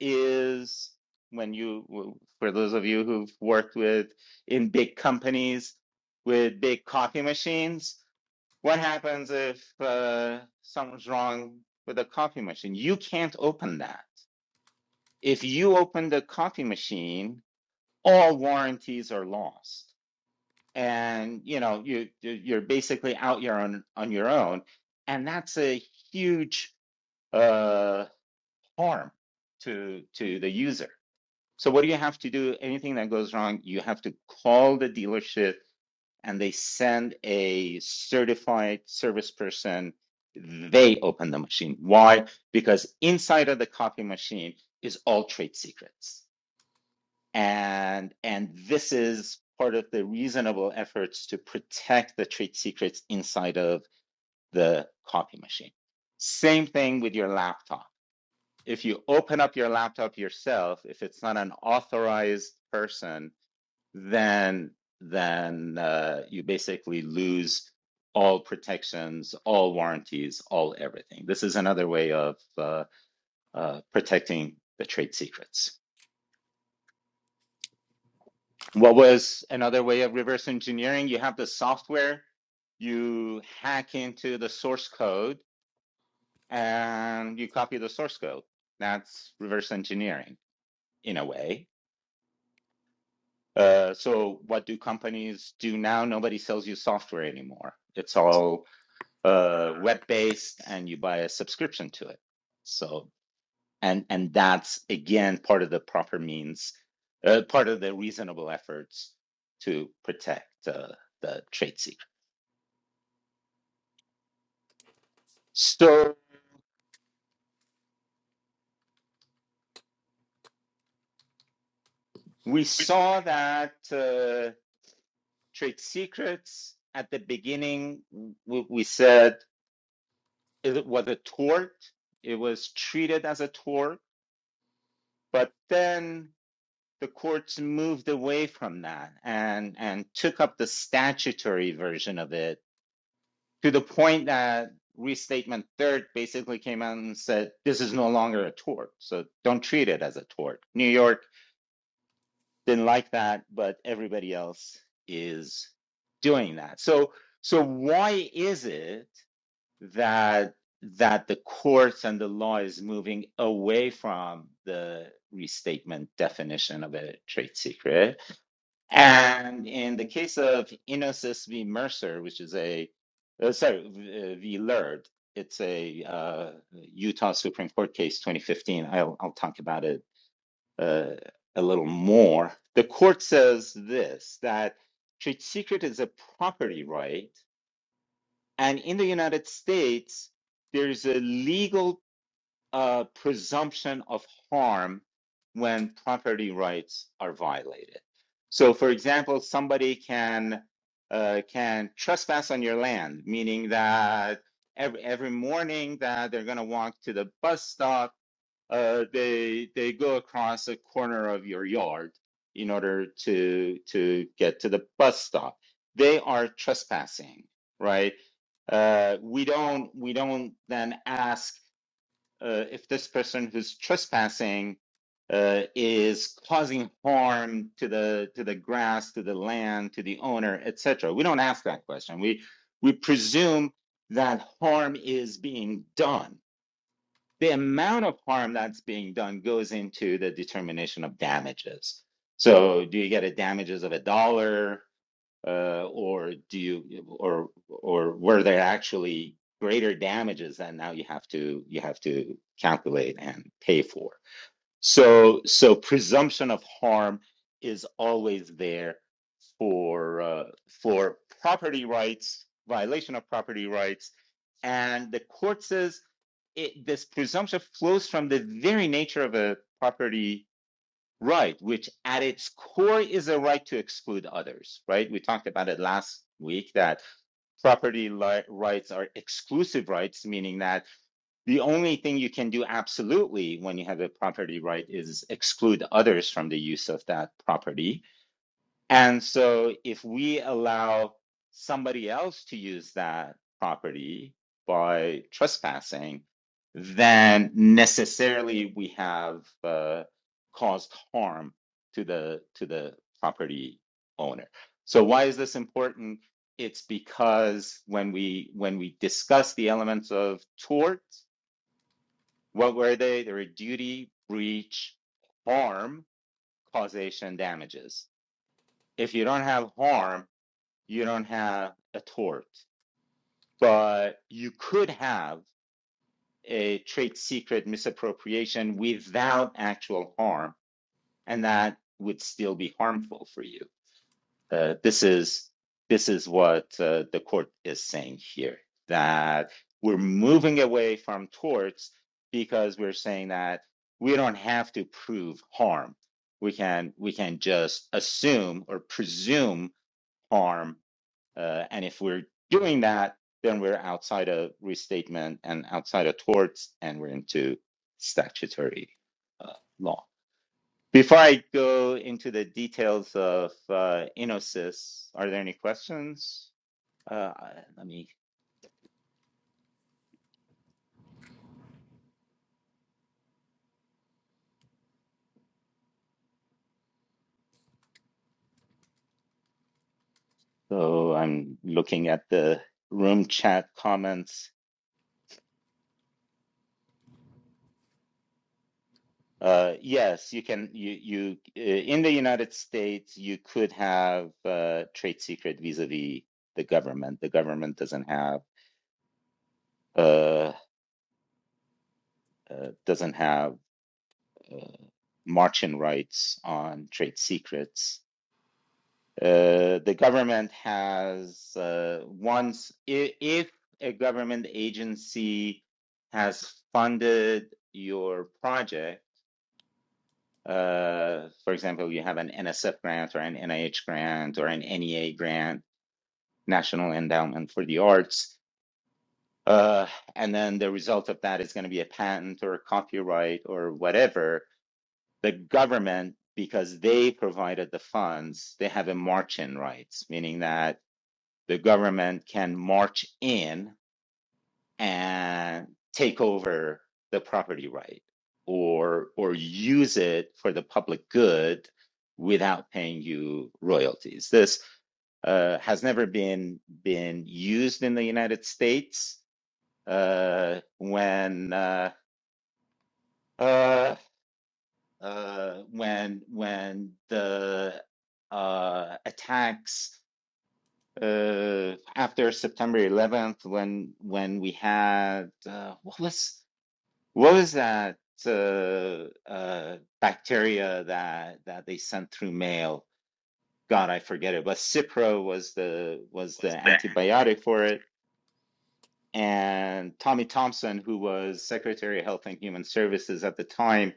A: is when you, for those of you who've worked with in big companies with big coffee machines, what happens if uh, something's wrong with a coffee machine? You can't open that. If you open the coffee machine, all warranties are lost, and you know you you- you're basically out your own on your own, and that's a huge uh, harm to to the user. So what do you have to do? Anything that goes wrong, you have to call the dealership and they send a certified service person. They open the machine. Why? Because inside of the copy machine is all trade secrets. And and this is part of the reasonable efforts to protect the trade secrets inside of the copy machine. Same thing with your laptop. If you open up your laptop yourself, if it's not an authorized person, then then uh, you basically lose all protections, all warranties, all everything. This is another way of uh, uh, protecting the trade secrets. What was another way of reverse engineering? You have the software, you hack into the source code, and you copy the source code. That's reverse engineering in a way. Uh, so, what do companies do now? Nobody sells you software anymore. It's all uh, web-based and you buy a subscription to it. So and and that's again part of the proper means, uh, part of the reasonable efforts to protect uh, the trade secret. So we saw that uh, trade secrets at the beginning. We, we said it was a tort. It was treated as a tort, but then the courts moved away from that and and took up the statutory version of it to the point that restatement third basically came out and said this is no longer a tort so don't treat it as a tort new york didn't like that but everybody else is doing that so so why is it that that the courts and the law is moving away from the restatement definition of a trade secret and in the case of Inosis v. Mercer, which is a, uh, sorry, v- uh, v. Lurd, it's a uh, Utah Supreme Court case 2015. I'll, I'll talk about it uh, a little more. The court says this that trade secret is a property right. And in the United States, there's a legal a presumption of harm when property rights are violated. So, for example, somebody can uh, can trespass on your land, meaning that every every morning that they're going to walk to the bus stop, uh, they they go across a corner of your yard in order to to get to the bus stop. They are trespassing, right? Uh, we don't we don't then ask uh, if this person who's trespassing uh, is causing harm to the to the grass, to the land, to the owner, etc. We don't ask that question. We we presume that harm is being done. The amount of harm that's being done goes into the determination of damages. So, do you get a damages of a dollar? uh, or do you or or were there actually greater damages that now you have to you have to calculate and pay for? So so presumption of harm is always there for uh, for property rights, violation of property rights, and the court says it, this presumption flows from the very nature of a property Right, which at its core is a right to exclude others, right? We talked about it last week that property li- rights are exclusive rights, meaning that the only thing you can do absolutely when you have a property right is exclude others from the use of that property. And so if we allow somebody else to use that property by trespassing, then necessarily we have uh, caused harm to the to the property owner. So why is this important? It's because when we when we discuss the elements of tort, what were they? They were duty, breach, harm, causation, damages. If you don't have harm, you don't have a tort, but you could have a trade secret misappropriation without actual harm, and that would still be harmful for you. Uh, this is this is what uh, the court is saying here that we're moving away from torts because we're saying that we don't have to prove harm. We can we can just assume or presume harm Uh, and if we're doing that, then we're outside of restatement and outside of torts, and we're into statutory uh, law. Before I go into the details of uh, Inosis, are there any questions? Uh, let me. So I'm looking at the room chat comments. Uh, yes, you can. You, you uh, in the United States, you could have uh, trade secret vis-a-vis the government. The government doesn't have uh, uh, doesn't have uh, margin rights on trade secrets. Uh, the government has uh, once, i- if a government agency has funded your project, uh, for example, you have an NSF grant or an NIH grant or an NEA grant, National Endowment for the Arts, uh, and then the result of that is going to be a patent or a copyright or whatever the government, because they provided the funds, they have a march-in rights, meaning that the government can march in and take over the property right or or use it for the public good without paying you royalties. This uh, has never been been used in the United States uh, when. Uh, uh, uh, when when the uh, attacks uh, after September 11th, when when we had uh, what was what was that uh, uh, bacteria that that they sent through mail? God, I forget it. But Cipro was the was the antibiotic for it. And Tommy Thompson, who was Secretary of Health and Human Services at the time,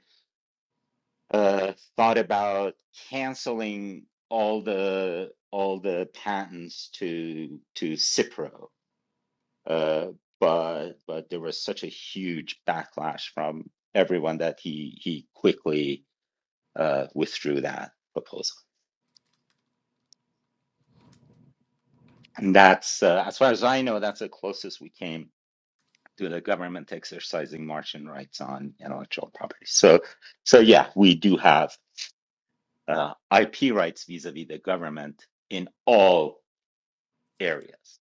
A: uh, thought about canceling all the all the patents to to Cipro, uh, but but there was such a huge backlash from everyone that he he quickly uh, withdrew that proposal. And that's uh, as far as I know, that's the closest we came to the government exercising Martian rights on intellectual property. So so yeah, we do have uh, IP rights vis-a-vis the government in all areas.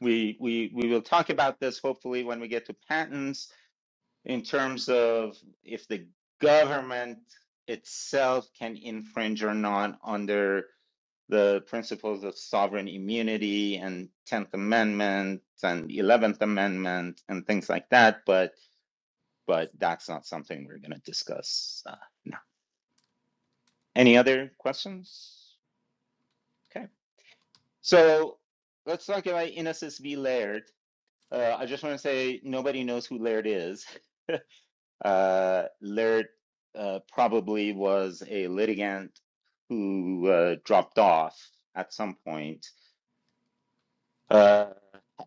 A: We, we, we will talk about this hopefully when we get to patents in terms of if the government itself can infringe or not under the principles of sovereign immunity and 10th amendment and 11th amendment and things like that but but that's not something we're going to discuss uh, now any other questions okay so let's talk about innocence v laird Uh, I just want to say nobody knows who Laird is. Uh, Laird uh, probably was a litigant who uh, dropped off at some point. Uh,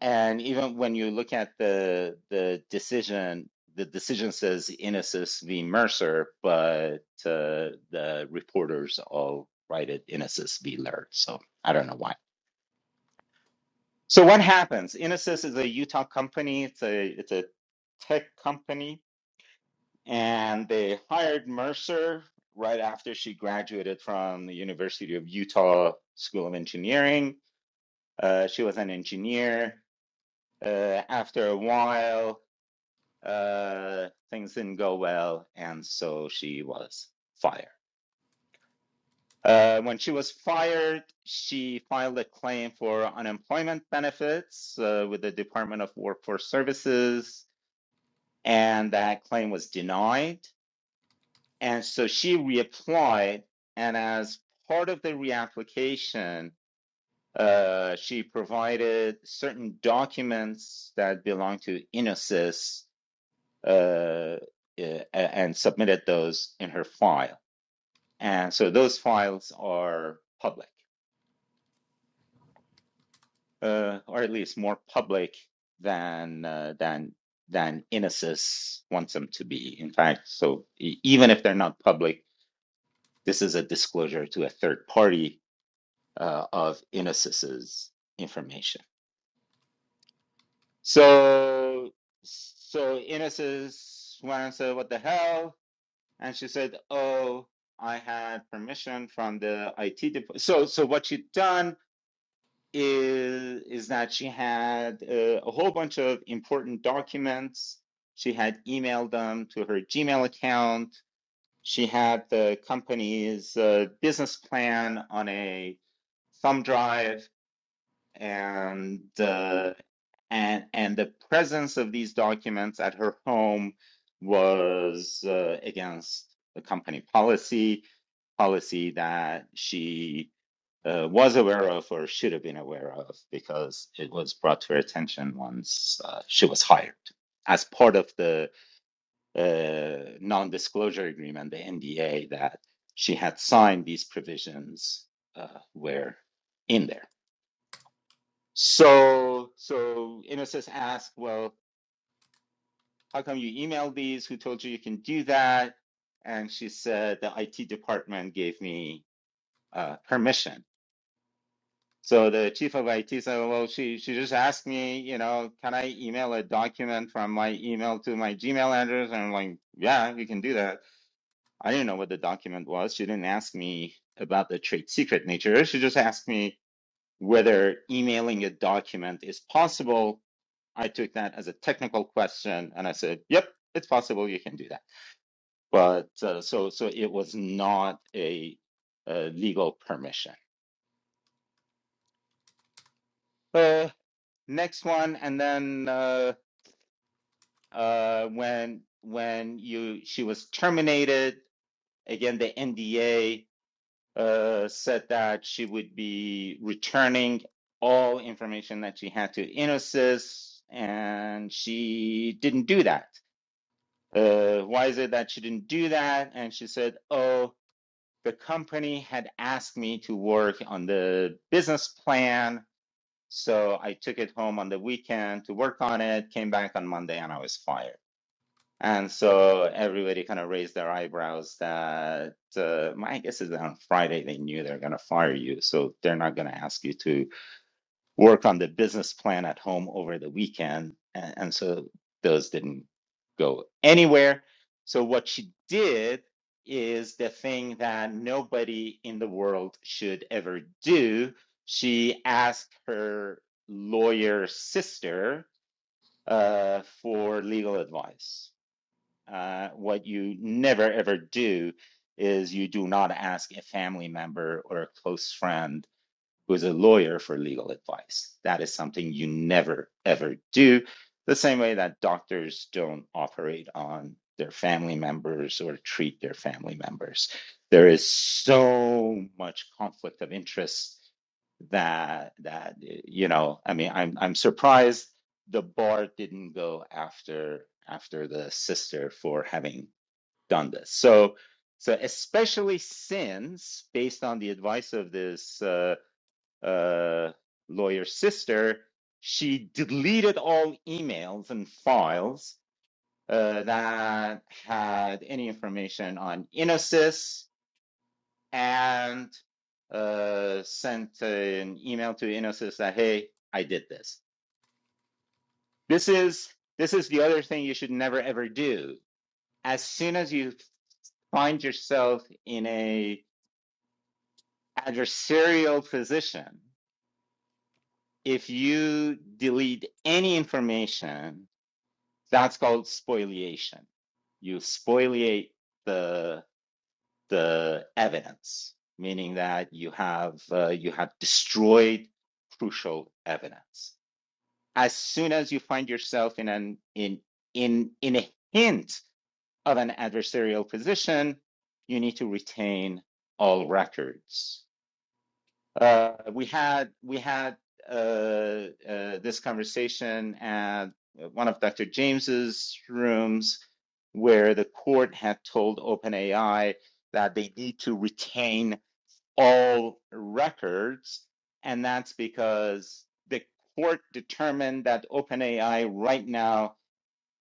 A: and even when you look at the the decision, the decision says Innocis v. Mercer, but uh, the reporters all write it Innocis v. Laird. So I don't know why. So what happens? Innocis is a Utah company. It's a it's a tech company And they hired Mercer right after she graduated from the University of Utah School of Engineering. Uh, she was an engineer. Uh, after a while, uh, things didn't go well, and so she was fired. Uh, when she was fired, she filed a claim for unemployment benefits uh, with the Department of Workforce Services, and that claim was denied. And so she reapplied, and as part of the reapplication, uh, she provided certain documents that belong to Inosys uh, uh, and submitted those in her file. And so those files are public, uh, or at least more public than uh, than than Inosys wants them to be. In fact, so e- even if they're not public, this is a disclosure to a third party uh, of Inosis's information. So, so Inosis went and said, "What the hell?" And she said, "Oh, I had permission from the IT department." So, so what she'd done is is that she had uh, a whole bunch of important documents. She had emailed them to her Gmail account. She had the company's uh, business plan on a thumb drive and uh, and and the presence of these documents at her home was uh, against the company policy policy that she uh, was aware of or should have been aware of because it was brought to her attention once uh, she was hired as part of the uh, non-disclosure agreement the nda that she had signed these provisions uh, were in there so so innocence asked well how come you emailed these? Who told you you can do that? And she said, the IT department gave me uh, permission. So the chief of IT said, well, she, she just asked me, you know, can I email a document from my email to my Gmail address? And I'm like, yeah, you can do that. I didn't know what the document was. She didn't ask me about the trade secret nature. She just asked me whether emailing a document is possible. I took that as a technical question and I said, yep, it's possible you can do that. but uh, so so it was not a, uh legal permission. Uh, next one, and then uh, uh, when when you she was terminated again, the NDA uh, said that she would be returning all information that she had to Infosys, and she didn't do that. Uh, why is it that she didn't do that? And she said, "Oh." the company had asked me to work on the business plan. So I took it home on the weekend to work on it, came back on Monday, and I was fired. And so everybody kind of raised their eyebrows that uh, my guess is that on Friday they knew they're going to fire you. So they're not going to ask you to work on the business plan at home over the weekend. And, and so those didn't go anywhere. So what she did is the thing that nobody in the world should ever do. She asked her lawyer sister uh, for legal advice. Uh, what you never ever do is you do not ask a family member or a close friend who is a lawyer for legal advice. That is something you never, ever do. The same way that doctors don't operate on their family members or treat their family members. There is so much conflict of interest that that you know i mean i'm i'm surprised the bar didn't go after after the sister for having done this so so especially since based on the advice of this uh, uh, lawyer's sister, she deleted all emails and files uh, that had any information on Inosys and uh, sent an email to Inosys that, hey, I did this. This is this is the other thing you should never ever do. As soon as you find yourself in a adversarial position, if you delete any information That's called spoliation. You spoliate the the evidence, meaning that you have uh, you have destroyed crucial evidence. As soon as you find yourself in an in in in a hint of an adversarial position, you need to retain all records. Uh, we had we had uh, uh, this conversation at one of Dr. James's rooms where the court had told OpenAI that they need to retain all records. And that's because the court determined that OpenAI right now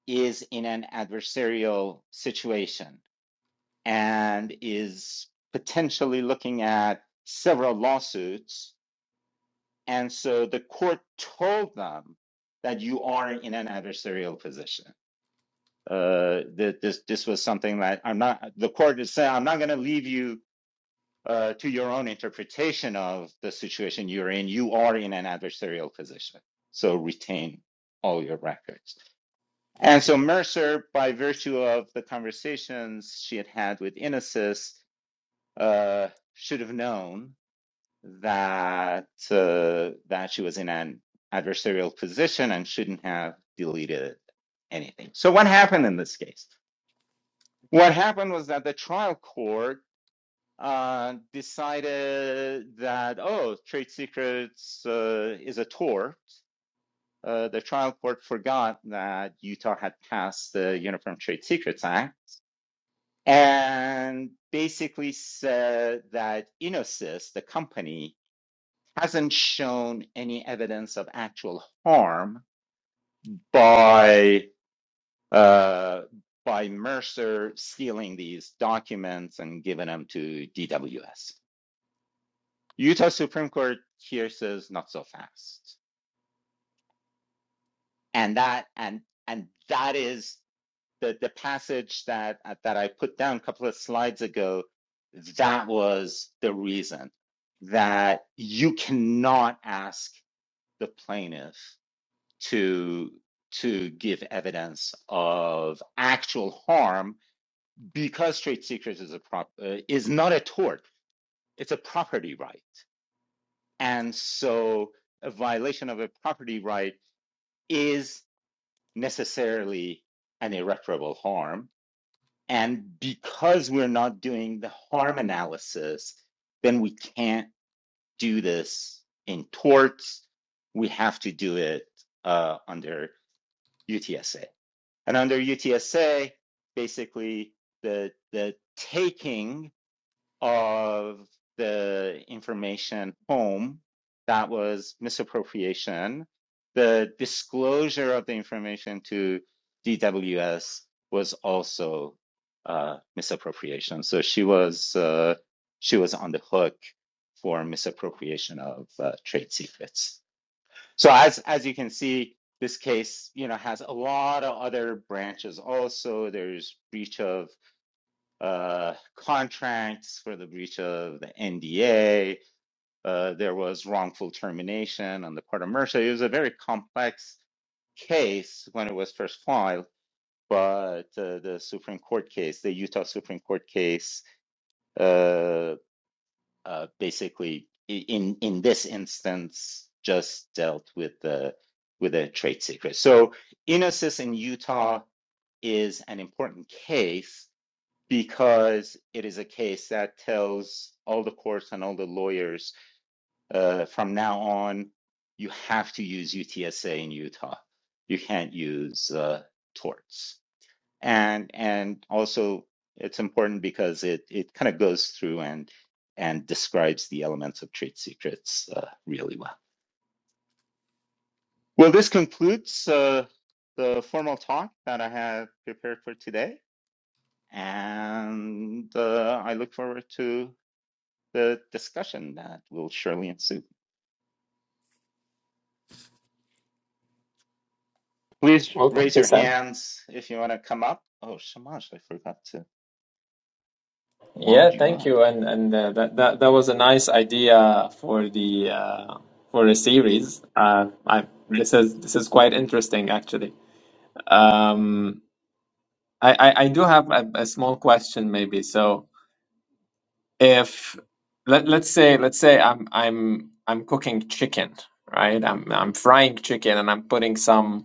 A: is in an adversarial situation and is potentially looking at several lawsuits. And so the court told them that you are in an adversarial position uh, that this this was something that I'm not. The court is saying I'm not going to leave you uh, to your own interpretation of the situation you're in. You are in an adversarial position, so retain all your records. And so Mercer, by virtue of the conversations she had had with Inesis, uh, should have known that uh, that she was in an adversarial position and shouldn't have deleted anything. So what happened in this case? What happened was that the trial court uh, decided that, oh, trade secrets uh, is a tort. Uh, the trial court forgot that Utah had passed the Uniform Trade Secrets Act and basically said that Infosys, the company, hasn't shown any evidence of actual harm by uh, by Mercer stealing these documents and giving them to DWS. Utah Supreme Court here says not so fast, and that and and that is the the passage that that I put down a couple of slides ago. That was the reason that you cannot ask the plaintiff to to give evidence of actual harm because trade secret is a prop uh, is not a tort it's a property right and so a violation of a property right is necessarily an irreparable harm and because we're not doing the harm analysis then we can't do this in torts we have to do it uh, under utsa and under utsa basically the the taking of the information home that was misappropriation the disclosure of the information to dws was also uh, misappropriation so she was uh, she was on the hook for misappropriation of uh, trade secrets so as as you can see this case you know has a lot of other branches also there's breach of uh, contracts, for the breach of the NDA. Uh, there was wrongful termination on the part of Mercer. It was a very complex case when it was first filed, but uh, the Supreme Court case, the Utah Supreme Court case, uh, uh, basically in in this instance just dealt with the with a trade secret. So Inosis in Utah is an important case because it is a case that tells all the courts and all the lawyers uh, from now on, you have to use UTSA in Utah. You can't use uh, torts. And and also it's important because it, it kind of goes through and and describes the elements of trade secrets uh, really well. Well, this concludes uh, the formal talk that I have prepared for today, and uh, I look forward to the discussion that will surely ensue. Please
D: Well, thank
A: raise
D: you,
A: your
D: Sam.
A: hands if you want to come up. Oh, Shamash, I forgot to mod
D: Yeah,
A: you
D: thank
A: up.
D: you, and and uh, that that that was a nice idea for the uh, for a series. Uh, I this is this is quite interesting actually. Um, I, I I do have a, a small question maybe. So if let let's say let's say I'm I'm I'm cooking chicken, right? I'm I'm frying chicken and I'm putting some.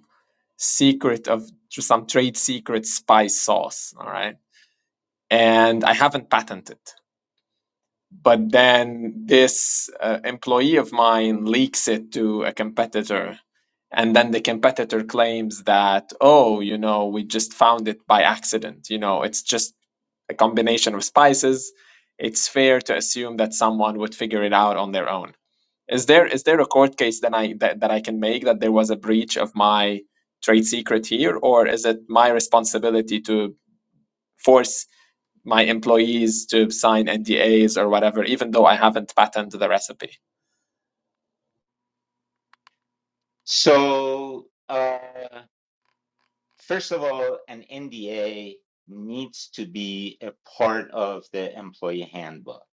D: secret of some trade secret spice sauce. All right. And I haven't patented. But then this uh, employee of mine leaks it to a competitor. And then the competitor claims that, oh, you know, we just found it by accident. You know, it's just a combination of spices. It's fair to assume that someone would figure it out on their own. Is there is there a court case that I that, that I can make that there was a breach of my trade secret here, or is it my responsibility to force my employees to sign NDAs or whatever, even though I haven't patented the recipe?
A: So, uh, first of all, an NDA needs to be a part of the employee handbook.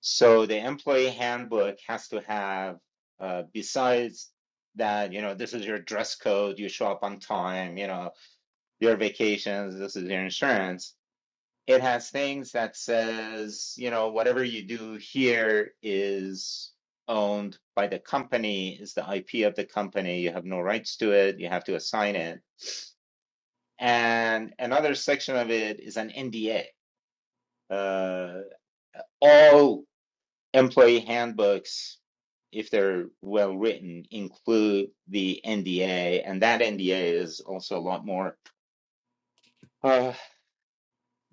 A: So, the employee handbook has to have, uh, besides that, you know, this is your dress code, you show up on time, you know, your vacations, this is your insurance it has things that says, you know, whatever you do here is owned by the company, is the IP of the company. You have no rights to it. You have to assign it. And another section of it is an NDA. Uh, all employee handbooks, if they're well written, include the NDA, and that NDA is also a lot more. uh,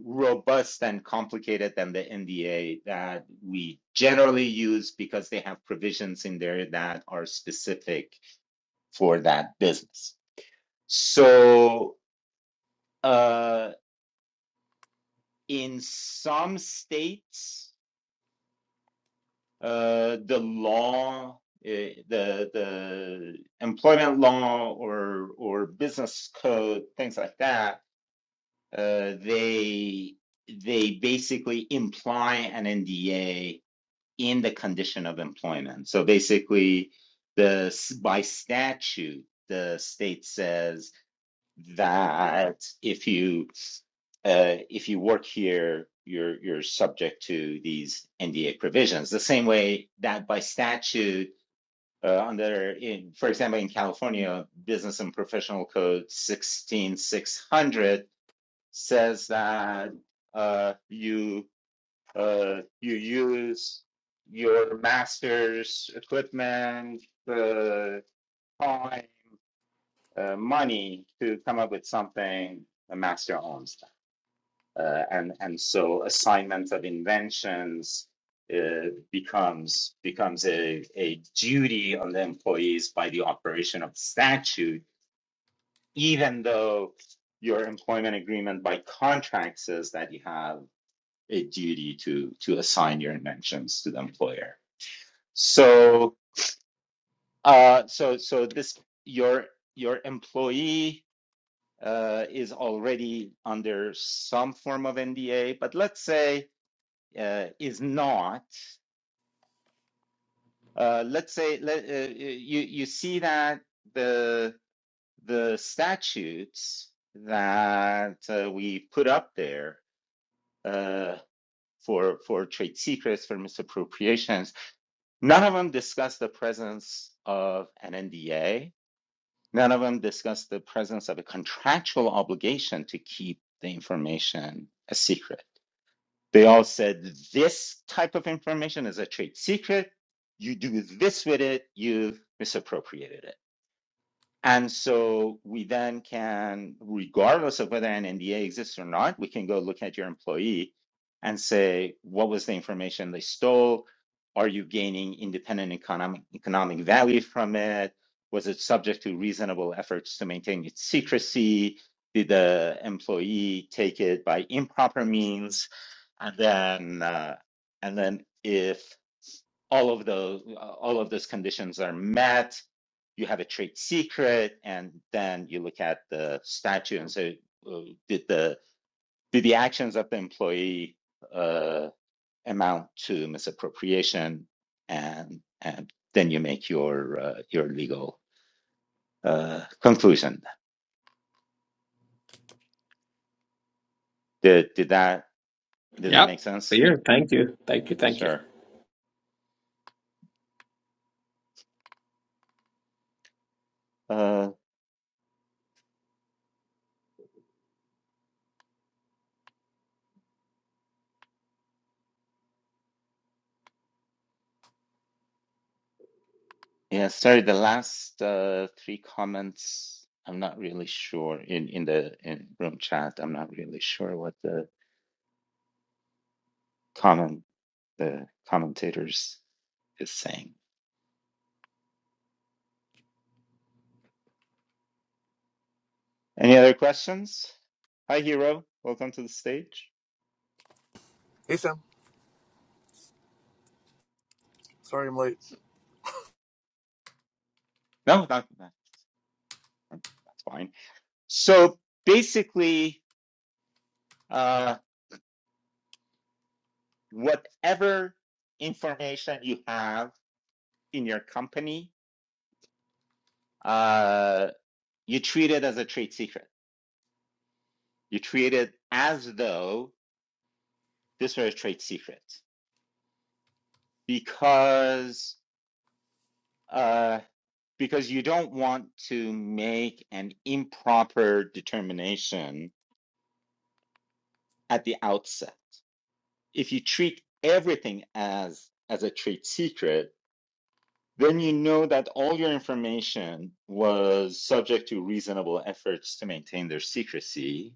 A: robust and complicated than the NDA that we generally use because they have provisions in there that are specific for that business. So, uh, in some states, uh, the law, eh, the the employment law or or business code, things like that, uh, they they basically imply an NDA in the condition of employment. So basically, the by statute, the state says that if you uh, if you work here, you're you're subject to these NDA provisions. The same way that by statute, uh, under in for example in California, Business and Professional Code sixteen six hundred says that uh, you uh, you use your master's equipment, uh, time, uh, money to come up with something a master owns. Uh, and and so assignment of inventions uh, becomes becomes a, a duty on the employees by the operation of statute, even though your employment agreement by contract says that you have a duty to to assign your inventions to the employer. So, uh, so, so this your your employee uh, is already under some form of NDA, but let's say uh, is not. Uh, let's say let, uh, you you see that the the statutes that uh, we put up there uh, for for trade secrets for misappropriations, none of them discuss the presence of an NDA None of them discuss the presence of a contractual obligation to keep the information a secret. They all said this type of information is a trade secret. You do this with it, you've misappropriated it. And so we then can, regardless of whether an NDA exists or not, we can go look at your employee and say, what was the information they stole? Are you gaining independent economic, economic value from it? Was it subject to reasonable efforts to maintain its secrecy? Did the employee take it by improper means? And then, uh, and then if all of those all of those conditions are met you have a trade secret and then you look at the statute and say uh, did the did the actions of the employee uh, amount to misappropriation and and then you make your uh, your legal uh, conclusion did did that did that
D: Yeah.
A: make sense
D: Clear. Thank you. Thank you. Thank you.
A: sure Uh, Yeah, sorry, the last uh, three comments, I'm not really sure in in the in room chat, I'm not really sure what the comment the commentators is saying. Any other questions? Hi, Hero. Welcome to the stage.
F: Hey Sam, sorry I'm late.
A: No, not, not that's fine. So basically, uh, whatever information you have in your company, uh, you treat it as a trade secret. You treat it as though this are a trade secret because uh, because you don't want to make an improper determination at the outset. If you treat everything as as a trade secret, then you know that all your information was subject to reasonable efforts to maintain their secrecy.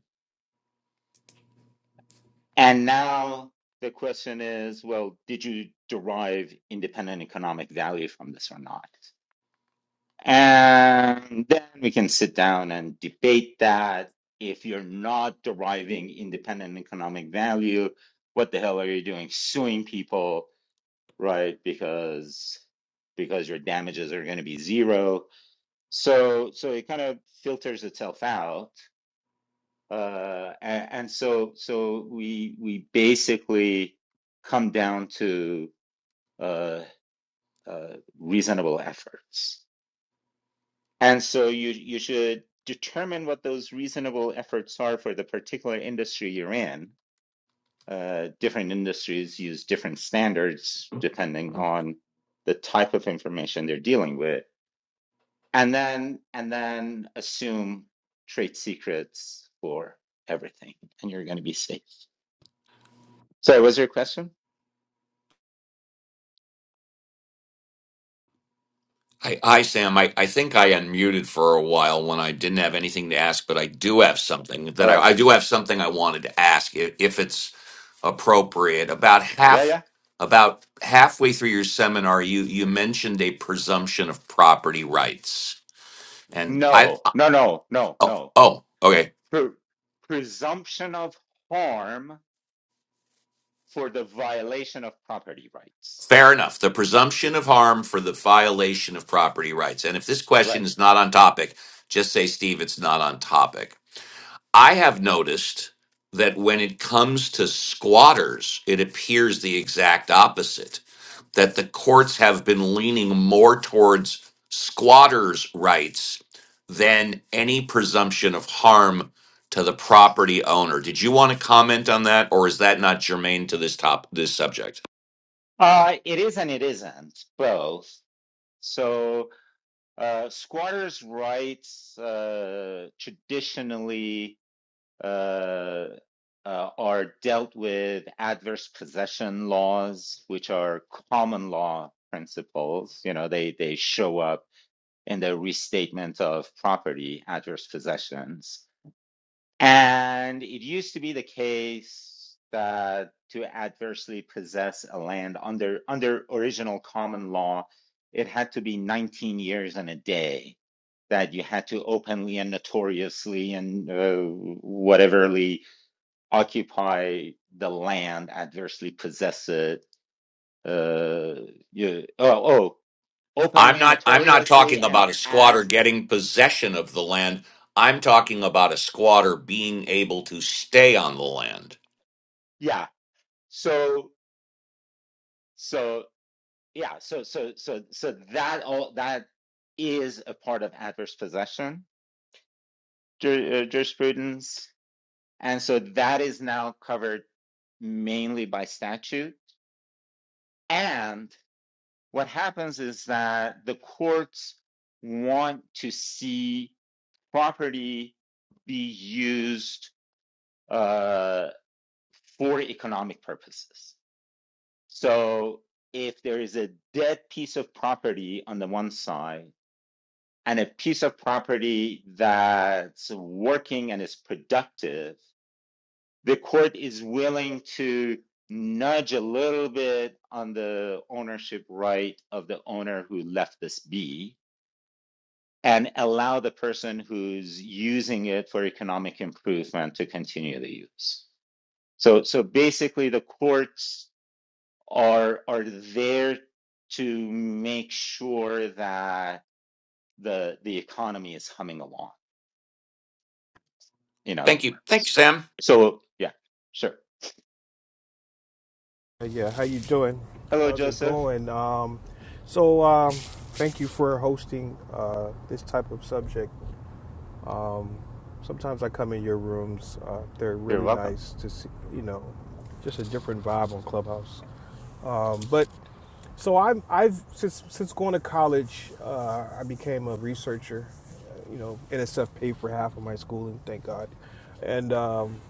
A: And now the question is, well, did you derive independent economic value from this or not? And then we can sit down and debate that. If you're not deriving independent economic value, what the hell are you doing suing people, right? Because because your damages are going to be zero. So so it kind of filters itself out. Uh, and, and so so we we basically come down to uh, uh, reasonable efforts And so you you should determine what those reasonable efforts are for the particular industry you're in. Uh, different industries use different standards depending on the type of information they're dealing with, and then and then assume trade secrets for everything, and you're going to be safe. So, was there a question?
B: Hi, hi, Sam. I, I think I unmuted for a while when I didn't have anything to ask, but I do have something that
A: Oh,
B: I, I do have something I wanted to ask if, if it's appropriate. About
A: yeah,
B: half
A: yeah.
B: about halfway through your seminar, you you mentioned a presumption of property rights, and I
A: No,
B: uh,
A: no, no, no,
B: oh
A: no.
B: oh okay.
A: Pre- presumption of harm for the violation of property rights.
B: Fair enough. The presumption of harm for the violation of property rights. And if this question
A: Right.
B: is not on topic, just say, Steve, it's not on topic I have noticed that when it comes to squatters, it appears the exact opposite, that the courts have been leaning more towards squatters' rights than any presumption of harm to the property owner. Did you want to comment on that or is that not germane to this top this subject?
A: Uh, it is and it isn't both. So uh, squatters' rights uh, traditionally uh, uh, are dealt with adverse possession laws, which are common law principles. You know, they they show up in the restatement of property adverse possessions. And it used to be the case that to adversely possess a land under under original common law, it had to be 19 years and a day that you had to openly and notoriously and uh, whateverly occupy the land, adversely possess it. Uh, you, oh, oh,
B: I'm
A: openly,
B: not I'm not
A: notoriously,
B: talking
A: and
B: about a squatter
A: as
B: getting possession of the land. I'm talking about a squatter being able to stay on the land.
A: yeah. So so. yeah so so so so that all that is a part of adverse possession ju- uh, jurisprudence and so that is now covered mainly by statute and what happens is that the courts want to see property be used uh, for economic purposes so if there is a dead piece of property on the one side and a piece of property that's working and is productive, the court is willing to nudge a little bit on the ownership right of the owner who left this be and allow the person who's using it for economic improvement to continue the use. So, so basically, the courts are are there to make sure that the the economy is humming along. in other
B: Thank you. Thanks,
A: words.
B: Sam.
A: So, yeah, sure.
G: Yeah, how you doing?
A: Hello,
G: How's it
A: Joseph.
G: going? Um, so um, thank you for hosting uh, this type of subject. Sometimes I come in your rooms; uh, they're
A: You're
G: really
A: welcome.
G: nice to see. You know, just a different vibe on Clubhouse. Um, but so I'm I've since since going to college, uh, I became a researcher. Uh, You know, NSF paid for half of my schooling, thank God. And um,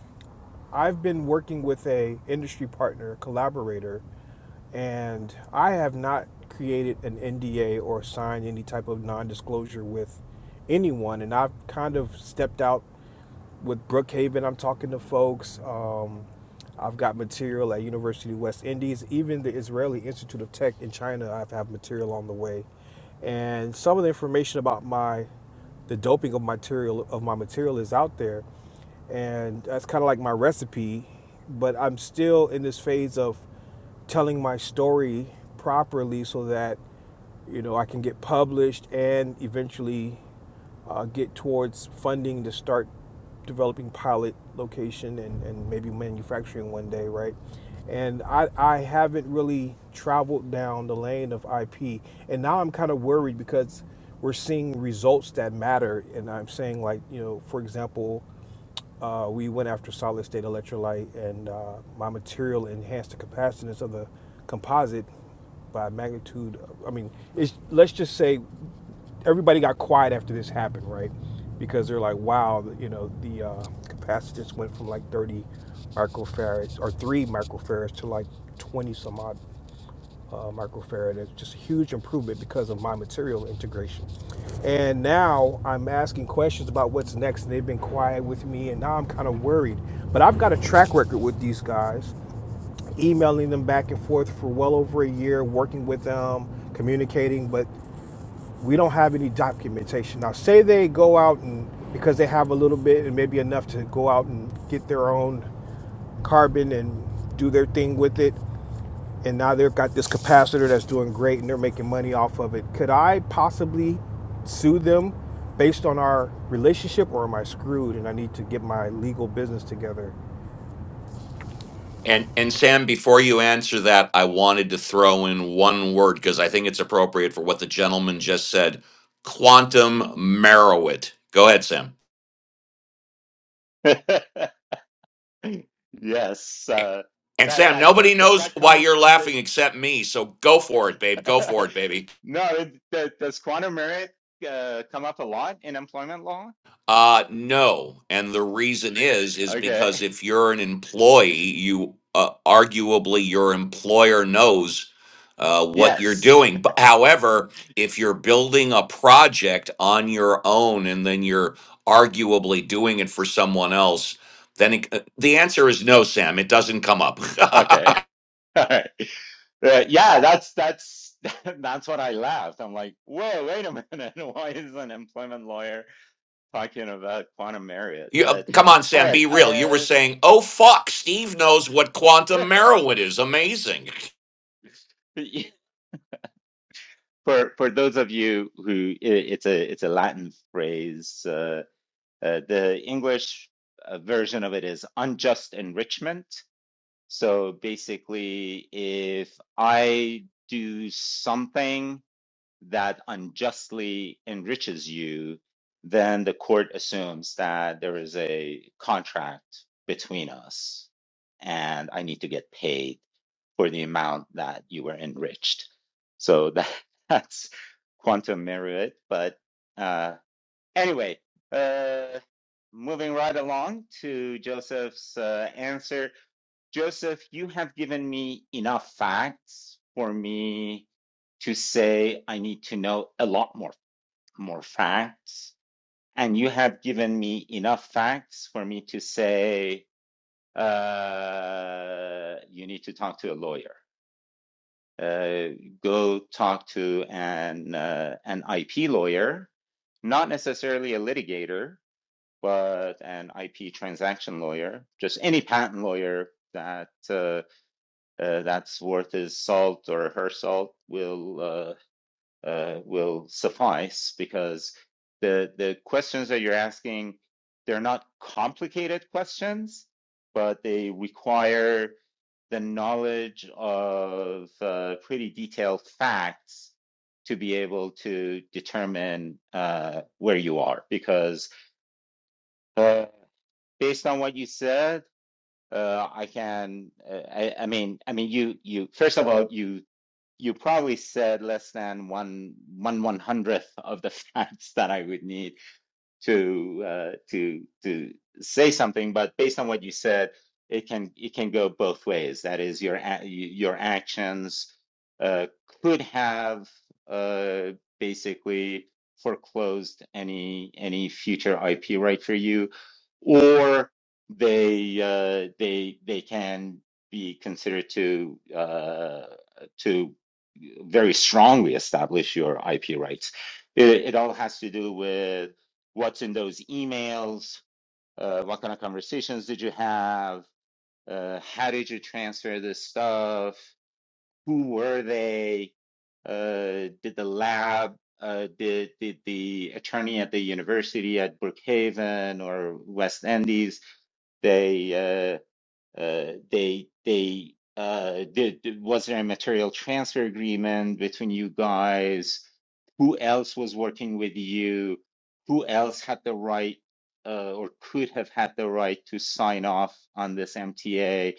G: I've been working with a industry partner, collaborator, and I have not created an NDA or signed any type of non-disclosure with anyone. And I've kind of stepped out with Brookhaven. I'm talking to folks. Um, I've got material at University of West Indies, even the Israeli Institute of Tech in China. I've have material on the way, and some of the information about my the doping of material of my material is out there and that's kind of like my recipe but i'm still in this phase of telling my story properly so that you know i can get published and eventually uh, get towards funding to start developing pilot location and, and maybe manufacturing one day right and I, I haven't really traveled down the lane of ip and now i'm kind of worried because we're seeing results that matter and i'm saying like you know for example uh, we went after solid state electrolyte, and uh, my material enhanced the capacitance of the composite by magnitude. I mean, it's, let's just say everybody got quiet after this happened, right? Because they're like, wow, you know, the uh, capacitance went from like 30 microfarads or three microfarads to like 20 some odd uh, microfarad. It's just a huge improvement because of my material integration. And now I'm asking questions about what's next, and they've been quiet with me, and now I'm kind of worried. But I've got a track record with these guys, emailing them back and forth for well over a year, working with them, communicating, but we don't have any documentation. Now, say they go out and because they have a little bit and maybe enough to go out and get their own carbon and do their thing with it and now they've got this capacitor that's doing great and they're making money off of it. Could I possibly sue them based on our relationship or am I screwed and I need to get my legal business together?
B: And and Sam, before you answer that, I wanted to throw in one word because I think it's appropriate for what the gentleman just said. Quantum Merowit. Go ahead, Sam.
A: yes, uh,
B: And
A: that
B: Sam,
A: that
B: nobody
A: does
B: knows
A: that
B: why
A: come?
B: you're
A: that-
B: laughing except me, so go for it, babe. Go for it, baby.
A: no, it, that, does quantum merit uh, come up a lot in employment law?
B: Uh, no, and the reason is is
A: Okay.
B: because if you're an employee, you uh, arguably your employer knows uh, what you're
A: Yes.
B: doing. But however, if you're building a project on your own and then you're arguably doing it for someone else, then it, uh, the answer is no, Sam. It doesn't come up.
A: Okay. All right. Uh, yeah, that's that's that's what I laughed. I'm like, whoa, wait a minute. Why is an employment lawyer talking about quantum merit?
B: You, uh,
A: But
B: come on,
A: all
B: Sam,
A: right.
B: be real. You were saying, "Oh fuck, Steve knows what
A: Uh,
B: quantum heroin is." Amazing.
A: For for those of you who it's a it's a Latin phrase. Uh, uh, the English uh, version of it is unjust enrichment. So basically, if I do something that unjustly enriches you, then the court assumes that there is a contract between us and I need to get paid for the amount that you were enriched. So that, that's quantum merit. But uh, anyway, uh, moving right along to Joseph's uh, answer Joseph, you have given me enough facts for me to say I need to know a lot more more facts, and you have given me enough facts for me to say uh, you need to talk to a lawyer. Uh, go talk to an uh, an IP lawyer, not necessarily a litigator, but an IP transaction lawyer, just any patent lawyer that. Uh, uh, that's worth his salt or her salt will uh, uh, will suffice because the the questions that you're asking they're not complicated questions, but they require the knowledge of uh, pretty detailed facts to be able to determine uh, where you are because uh, based on what you said uh, I can uh, I, I mean I mean you you first of all you you probably said less than one one one hundredth of the facts that I would need to uh, to to say something, but based on what you said, it can it can go both ways. That is, your your actions uh, could have uh, basically foreclosed any any future IP right for you, or they uh, they they can be considered to uh, to very strongly establish your IP rights. It, it all has to do with what's in those emails, uh, what kind of conversations did you have, uh, how did you transfer this stuff, who were they, uh, did the lab, uh, did, did the attorney at the university at Brookhaven or West Indies, they uh, uh, they they uh, did was there a material transfer agreement between you guys? Who else was working with you? Who else had the right uh, or could have had the right to sign off on this MTA?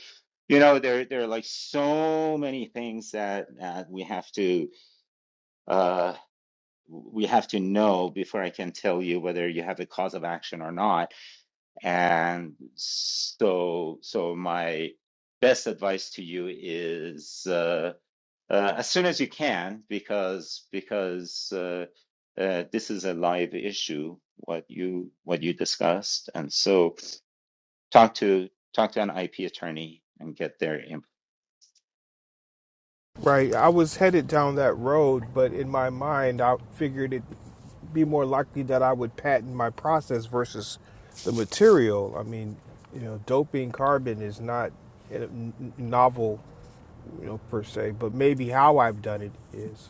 A: You know, there there are like so many things that that we have to uh, we have to know before I can tell you whether you have a cause of action or not and so, so my best advice to you is uh, uh, as soon as you can, because because uh, uh, this is a live issue, what you what you discussed, and so talk to talk to an IP attorney and get their input.
G: Right. I was headed down that road, but in my mind, I figured it'd be more likely that I would patent my process versus the material. I mean, you know, doping carbon is not a n- novel you know, per se, but maybe how I've done it is.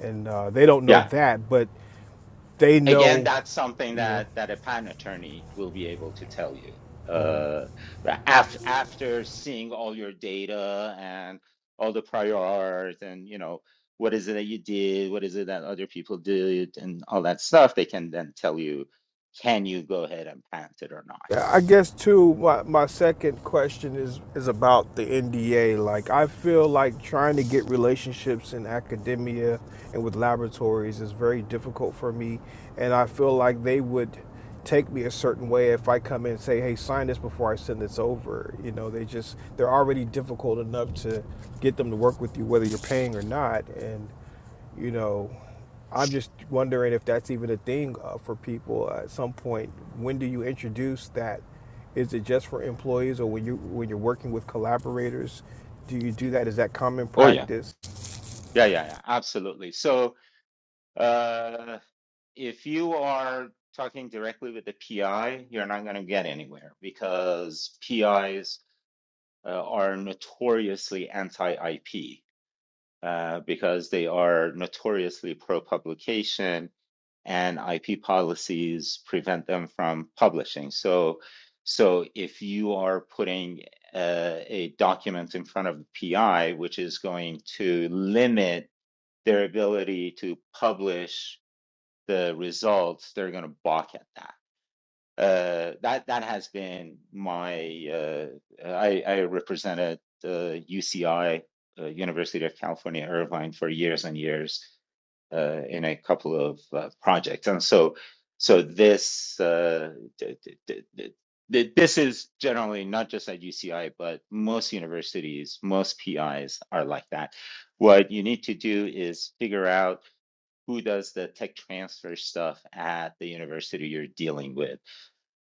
G: And uh, they don't know
A: Yeah.
G: that, but they
A: again,
G: know,
A: that's something
G: you know,
A: that that a patent attorney will be able to tell you. Uh, after after seeing all your data and all the prior art and you know what is it that you did, what is it that other people did, and all that stuff, they can then tell you, can you go ahead and patent it or not?
G: Yeah, I guess too. My, my second question is is about the NDA. Like, I feel like trying to get relationships in academia and with laboratories is very difficult for me, and I feel like they would take me a certain way if I come in and say, "Hey, sign this before I send this over." You know, they just they're already difficult enough to get them to work with you, whether you're paying or not, and you know, I'm just wondering if that's even a thing uh, for people at some point. When do you introduce that? Is it just for employees, or when you when you're working with collaborators, do you do that? Is that common
A: Oh yeah,
G: practice?
A: yeah, yeah, yeah, absolutely. So uh, if you are talking directly with the PI, you're not going to get anywhere because PIs uh, are notoriously anti-IP uh, because they are notoriously pro-publication, and IP policies prevent them from publishing. So, so if you are putting uh, a document in front of the PI, which is going to limit their ability to publish the results, they're going to balk at that uh, that that has been my uh, I, I represented uh, UCI, uh, University of California Irvine, for years and years uh, in a couple of uh, projects, and so so this uh, d- d- d- d- th- this is generally not just at UCI, but most universities, most PIs are like that. What you need to do is figure out who does the tech transfer stuff at the university you're dealing with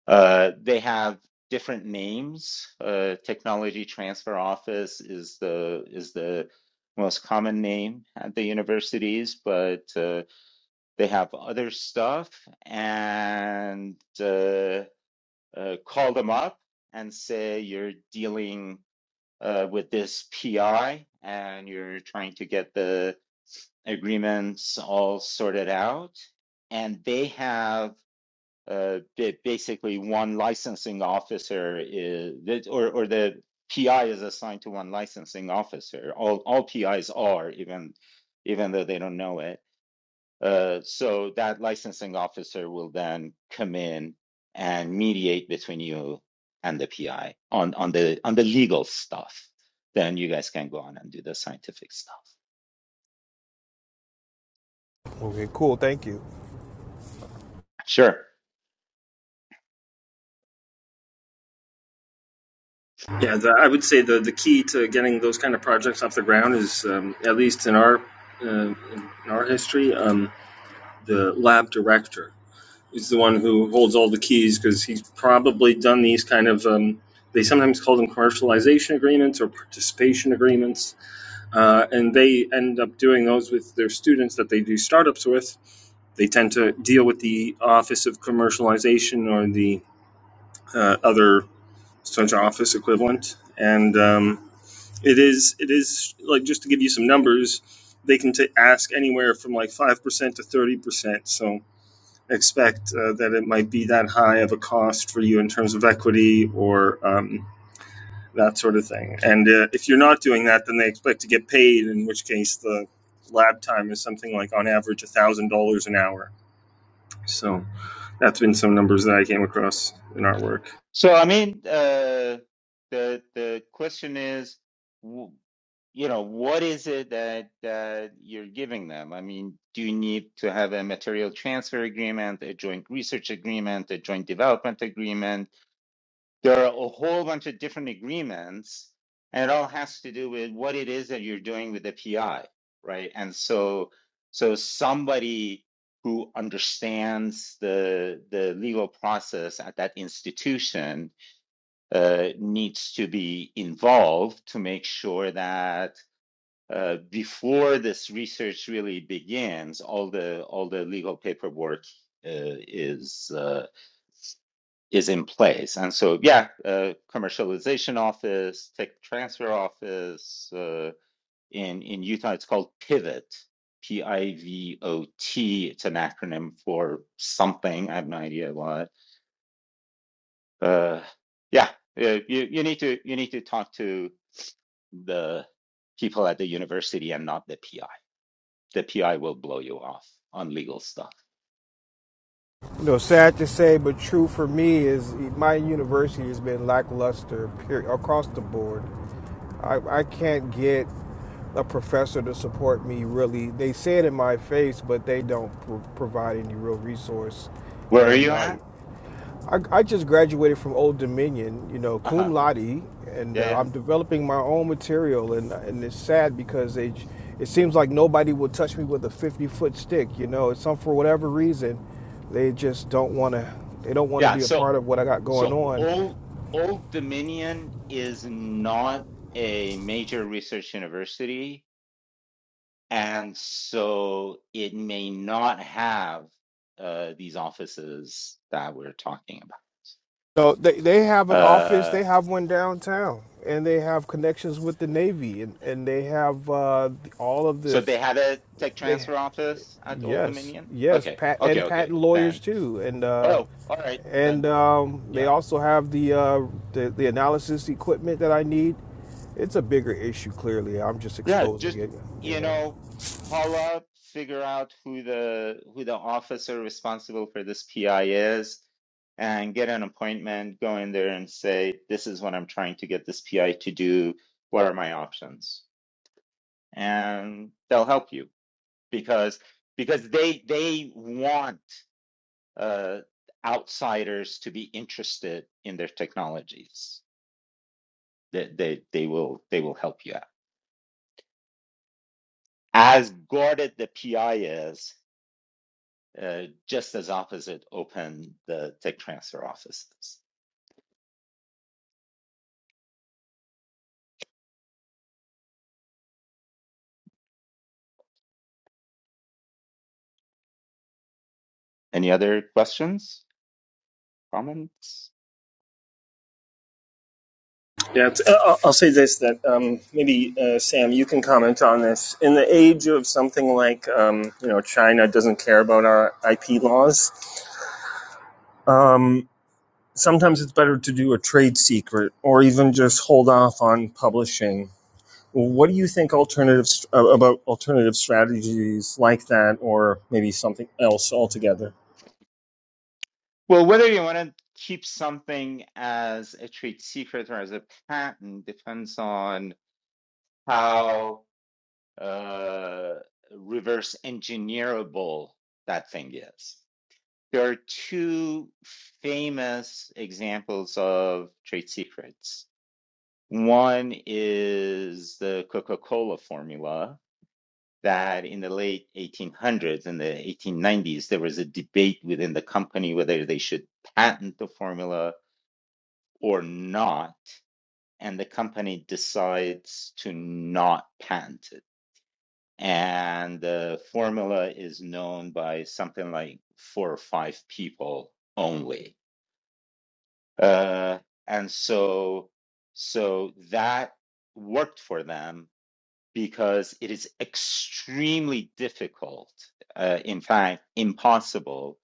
A: uh, they have different names. Uh, Technology Transfer Office is the is the most common name at the universities, but uh, they have other stuff. And uh, uh, call them up and say you're dealing uh, with this PI and you're trying to get the agreements all sorted out. And they have uh, ba- basically one licensing officer is or or the PI is assigned to one licensing officer. All all PIs are even even though they don't know it. Uh, so that licensing officer will then come in and mediate between you and the PI on on the on the legal stuff. Then you guys can go on and do the scientific stuff.
G: Okay, cool. Thank you.
A: Sure.
H: Yeah, the, I would say the, the key to getting those kind of projects off the ground is, um, at least in our uh, in our history, um, the lab director is the one who holds all the keys because he's probably done these kind of. Um, they sometimes call them commercialization agreements or participation agreements, uh, and they end up doing those with their students that they do startups with. They tend to deal with the Office of Commercialization or the uh, other such office equivalent, and um, it is it is like just to give you some numbers, they can t- ask anywhere from like five percent to thirty percent. So expect uh, that it might be that high of a cost for you in terms of equity or um, that sort of thing. And uh, if you're not doing that, then they expect to get paid. In which case, the lab time is something like on average a thousand dollars an hour. So that's been some numbers that I came across in our work.
A: So I mean, uh, the the question is. you know, what is it that that you're giving them? I mean, do you need to have a material transfer agreement, a joint research agreement, a joint development agreement? There are a whole bunch of different agreements, and it all has to do with what it is that you're doing with the PI, right? And so, so somebody who understands the the legal process at that institution uh, needs to be involved to make sure that uh, before this research really begins, all the all the legal paperwork uh, is uh, is in place. And so, yeah, uh, commercialization office, tech transfer office uh, in in Utah, it's called Pivot, P I V O T. It's an acronym for something. I have no idea what. Uh, yeah, uh, you you need to you need to talk to the people at the university and not the PI. the PI will blow you off on legal stuff.
G: You know, sad to say, but true for me is my university has been lackluster period, across the board. I, I can't get a professor to support me really. They say it in my face, but they don't pro- provide any real resource.
A: Where are
G: And
A: you
G: uh,
A: at?
G: I, I just graduated from Old Dominion, you know,
A: Uh-huh.
G: cum laude, and
A: Yeah,
G: uh,
A: yeah.
G: I'm developing my own material. And, and it's sad because it, it seems like nobody will touch me with a 50 foot stick. You know, it's some for whatever reason, they just don't want to. They don't want to
A: Yeah,
G: be a
A: so
G: part of what I got going
A: so
G: on.
A: Old Old Dominion is not a major research university, and so it may not have uh, these offices that we're talking
G: So they, they have
A: about.
G: an office.
A: Uh,
G: They have one downtown, and they have connections with the Navy, and, and they have uh, all of
A: So they
G: this.
A: had a tech
G: They.
A: transfer office at Old
G: Yes,
A: Dominion?
G: yes,
A: Okay,
G: pat
A: okay,
G: and
A: okay.
G: patent lawyers
A: Then,
G: too, and uh,
A: oh, all right, then,
G: and um, they
A: yeah,
G: also have the, uh, the the analysis equipment that I need. It's a bigger issue, clearly. I'm just
A: yeah.
G: exposing
A: Just
G: it, you
A: you
G: know.
A: know, call up, figure out who the who the officer responsible for this PI is, and get an appointment. Go in there and say, "This is what I'm trying to get this PI to do. What are my options?" And they'll help you because because they they want uh, outsiders to be interested in their technologies. They, they, they will they will help you out. As guarded the PI is, uh, just as opposite open the tech transfer offices. Any other questions, comments?
H: Yeah, uh, I'll say this that um, maybe uh, Sam, you can comment on this. In the age of something like um, you know China doesn't care about our IP laws, um, sometimes it's better to do a trade secret or even just hold off on publishing. What do you think alternatives uh, about alternative strategies like that, or maybe something else altogether?
A: Well, whether you want to keep something as a trade secret or as a patent depends on how uh, reverse engineerable that thing is. There are two famous examples of trade secrets. One is the Coca Cola formula, that in the late 1800s and the 1890s, there was a debate within the company whether they should patent the formula or not. And the company decides to not patent it. And the formula is known by something like four or five people only Uh, and so, so that worked for them because it is extremely difficult, uh, in fact, impossible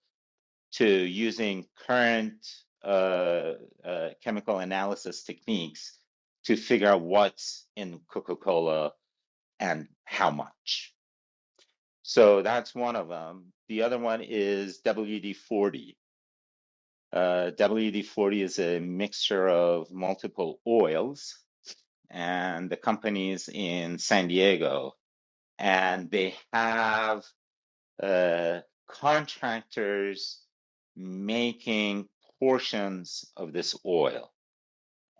A: to using current uh, uh, chemical analysis techniques to figure out what's in Coca-Cola and how much. So that's one of them. The other one is WD-40 Uh, WD-40 is a mixture of multiple oils, and the company's in San Diego, and they have uh, contractors making portions of this oil,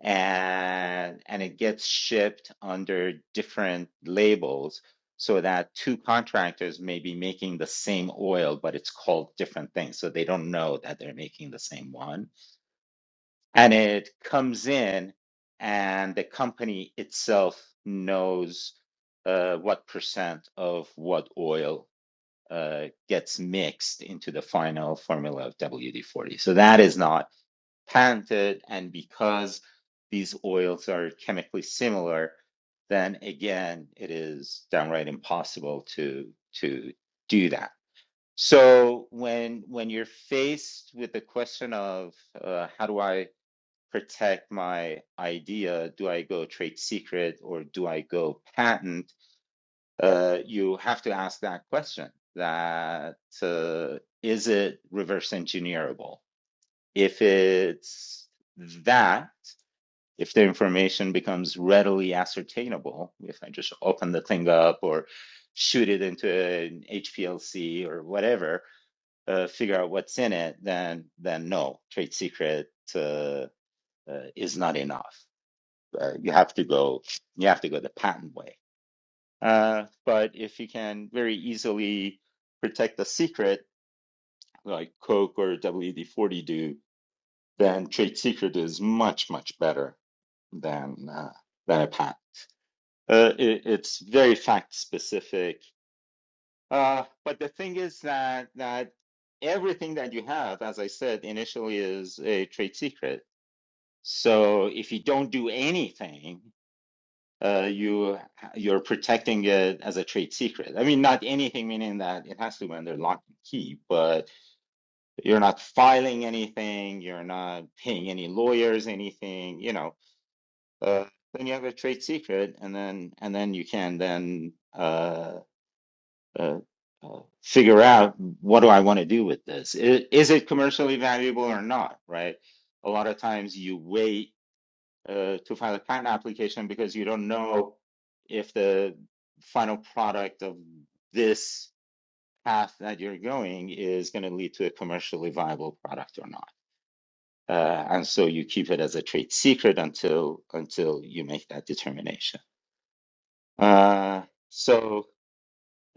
A: and and it gets shipped under different labels. So that two contractors may be making the same oil, but it's called different things. So they don't know that they're making the same one and it comes in and the company itself knows uh, what percent of what oil uh, gets mixed into the final formula of WD-40. So that is not patented. And because these oils are chemically similar, then again, it is downright impossible to to do that. So when when you're faced with the question of uh, how do I protect my idea? Do I go trade secret or do I go patent? Uh, you have to ask that question. That uh, is it reverse engineerable? If it's that, if the information becomes readily ascertainable, if I just open the thing up or shoot it into an HPLC or whatever, uh, figure out what's in it, then then no, trade secret uh, uh, is not enough uh, you have to go you have to go the patent way. Uh, but if you can very easily protect the secret, like Coke or WD-40 do, then trade secret is much much better than uh, than a patent. Uh, it, it's very fact specific. Uh, but the thing is that that everything that you have, as I said initially, is a trade secret. So if you don't do anything, uh, you you're protecting it as a trade secret. I mean, not anything, meaning that it has to be under lock and key, but you're not filing anything, you're not paying any lawyers, anything, you know. Uh, then you have a trade secret, and then and then you can then uh, uh, uh, figure out what do I want to do with this? Is, is it commercially valuable or not, right? A lot of times you weigh uh, to file a patent application because you don't know if the final product of this path that you're going is going to lead to a commercially viable product or not. Uh, and so you keep it as a trade secret until until you make that determination. Uh, so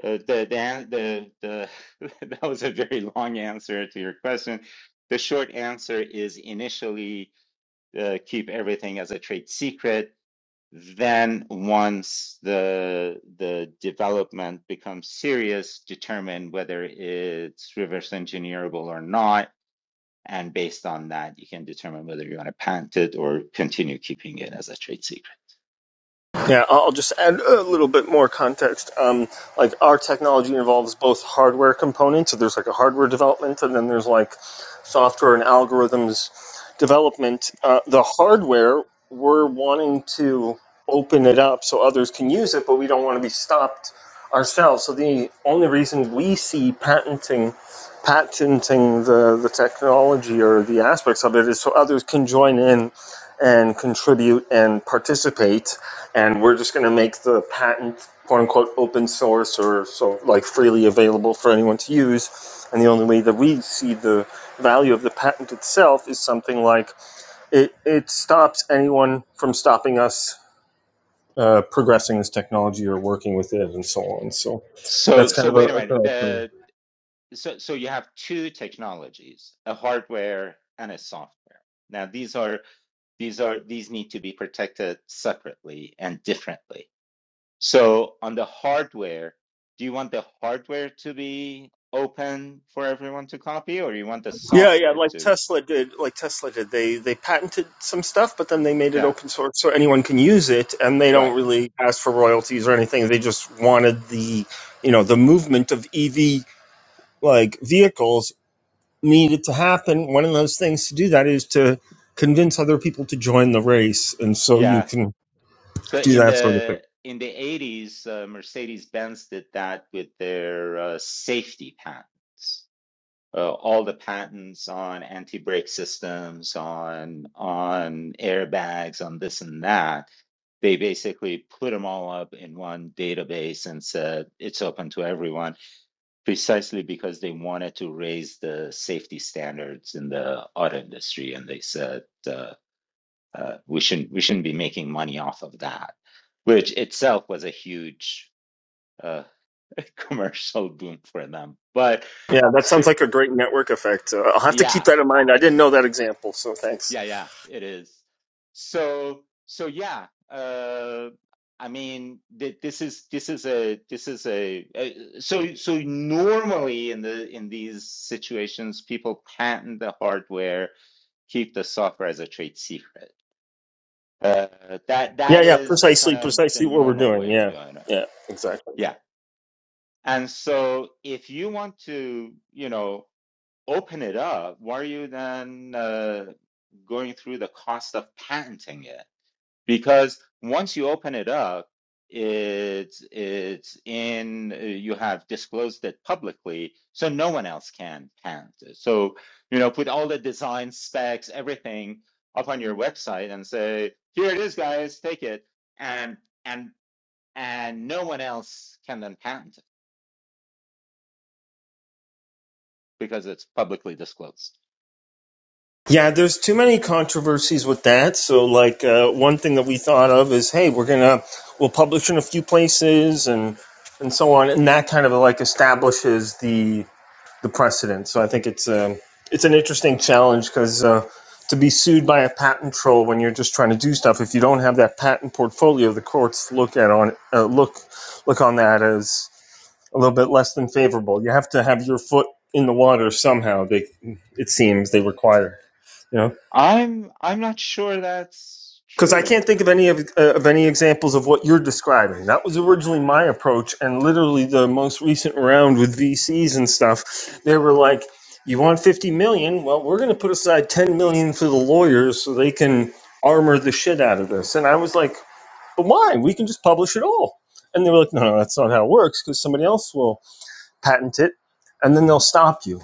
A: uh, the, the the the that was a very long answer to your question. The short answer is initially uh, keep everything as a trade secret Then once the the development becomes serious, determine whether it's reverse engineerable or not and based on that, you can determine whether you want to patent it or continue keeping it as a trade secret.
H: Yeah, I'll just add a little bit more context. Um, like our technology involves both hardware components, so there's like a hardware development, and then there's like software and algorithms development. Uh, the hardware, we're wanting to open it up so others can use it, but we don't want to be stopped ourselves. So the only reason we see patenting patenting the, the technology or the aspects of it is so others can join in and contribute and participate and we're just going to make the patent quote unquote open source or so like freely available for anyone to use and the only way that we see the value of the patent itself is something like it, it stops anyone from stopping us uh, progressing this technology or working with it and so on so
A: So,
H: that's kind
A: so
H: of a,
A: wait a
H: like
A: minute.
H: a
A: The, so, so you have two technologies, a hardware and a software. Now, these are these are these need to be protected separately and differently. So, on the hardware, do you want the hardware to be open for everyone to copy, or you want the
H: Yeah, yeah,
A: software
H: like
A: to?
H: Tesla did, like Tesla did. They they patented some stuff, but then they made it
A: Yeah,
H: open source so anyone can use it, and they don't
A: right.
H: really ask for royalties or anything. They just wanted the, you know, the movement of EV like vehicles needed to happen. One of those things to do that is to convince other people to join the race, and so
A: yeah,
H: you can
A: So
H: do
A: in
H: that sort of thing.
A: the in the 80s, uh, Mercedes-Benz did that with their uh, safety patents. Uh, all the patents on anti-brake systems, on on airbags, on this and that. They basically put them all up in one database and said it's open to everyone, precisely because they wanted to raise the safety standards in the auto industry. And they said. uh, uh, we shouldn't we shouldn't be making money off of that, which itself was a huge uh, commercial boom for them. But
H: Yeah, that sounds
A: so
H: like a great network effect. Uh, I'll have to keep
A: yeah,
H: that in mind. I didn't know that example, so thanks.
A: yeah, yeah, it is. So so yeah, uh, I mean th this is this is a this is a, a so so normally in the in these situations, people patent the hardware, keep the software as a trade secret. Uh, that
H: Yeah,
A: that
H: yeah,
A: is kind
H: precisely,
A: of the
H: precisely what we're
A: normal
H: doing.
A: way of
H: Yeah,
A: doing it.
H: yeah, exactly.
A: Yeah. And so if you want to, you know, open it up, why are you then uh, going through the cost of patenting it? Because once you open it up, it's it's in uh, you have disclosed it publicly, so no one else can patent it. So, you know, put all the design specs, everything up on your website and say, here it is, guys, take it. And and and no one else can then patent it because it's publicly disclosed.
H: Yeah, there's too many controversies with that. So, like, uh, one thing that we thought of is, hey, we're gonna we'll publish in a few places and and so on, and that kind of like establishes the the precedent. So, I think it's um, it's an interesting challenge because uh, to be sued by a patent troll when you're just trying to do stuff, if you don't have that patent portfolio, the courts look at on uh, look look on that as a little bit less than favorable. You have to have your foot in the water somehow. They it seems they require. you know.
A: I'm I'm not sure that's
H: Because I can't
A: true.
H: think of any of, uh, of any examples of what you're describing. That was originally my approach, and literally the most recent round with VCs and stuff, they were like, "You want 50 million? Well, we're going to put aside 10 million for the lawyers so they can armor the shit out of this." And I was like, "But why? We can just publish it all." And they were like, "No, no, that's not how it works. Because somebody else will patent it, and then they'll stop you,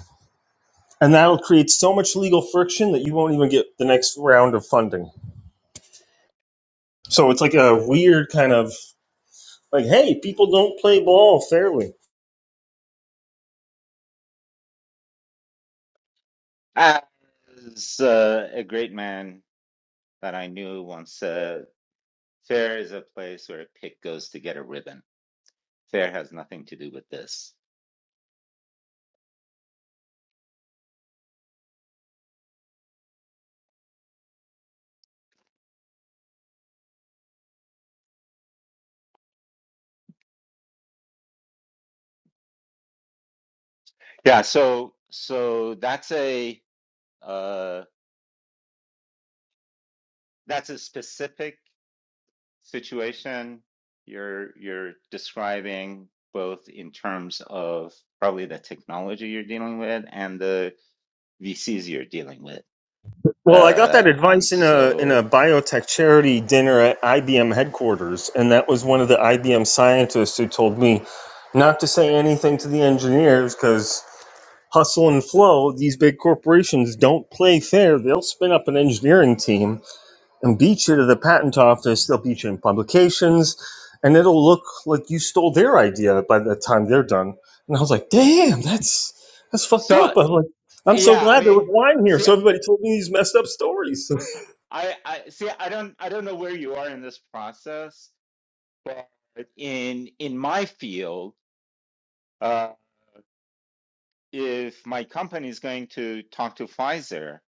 H: and that'll create so much legal friction that you won't even get the next round of funding." So it's like a weird kind of Like, hey, people don't play ball fairly.
A: As uh, a great man that I knew once said, fair is a place where a pig goes to get a ribbon. Fair has nothing to do with this. Yeah, so so that's a uh, that's a specific situation you're you're describing both in terms of probably the technology you're dealing with and the VCs you're dealing with.
H: Well, I got that
A: Uh, and
H: advice in a in
A: so,
H: a biotech charity dinner at IBM headquarters, and that was one of the IBM scientists who told me not to say anything to the engineers because hustle and flow, these big corporations don't play fair. They'll spin up an engineering team and beat you to the patent office. They'll beat you in publications, and it'll look like you stole their idea by the time they're done. And I was like, damn, that's that's fucked
A: so
H: up. I'm like, I'm so
A: yeah, I
H: glad there
A: mean,
H: was wine here,
A: see,
H: so everybody told me these messed up stories.
A: I, I see, I don't, I don't know where you are in this process, but in in my field, uh, if my company is going to talk to Pfizer,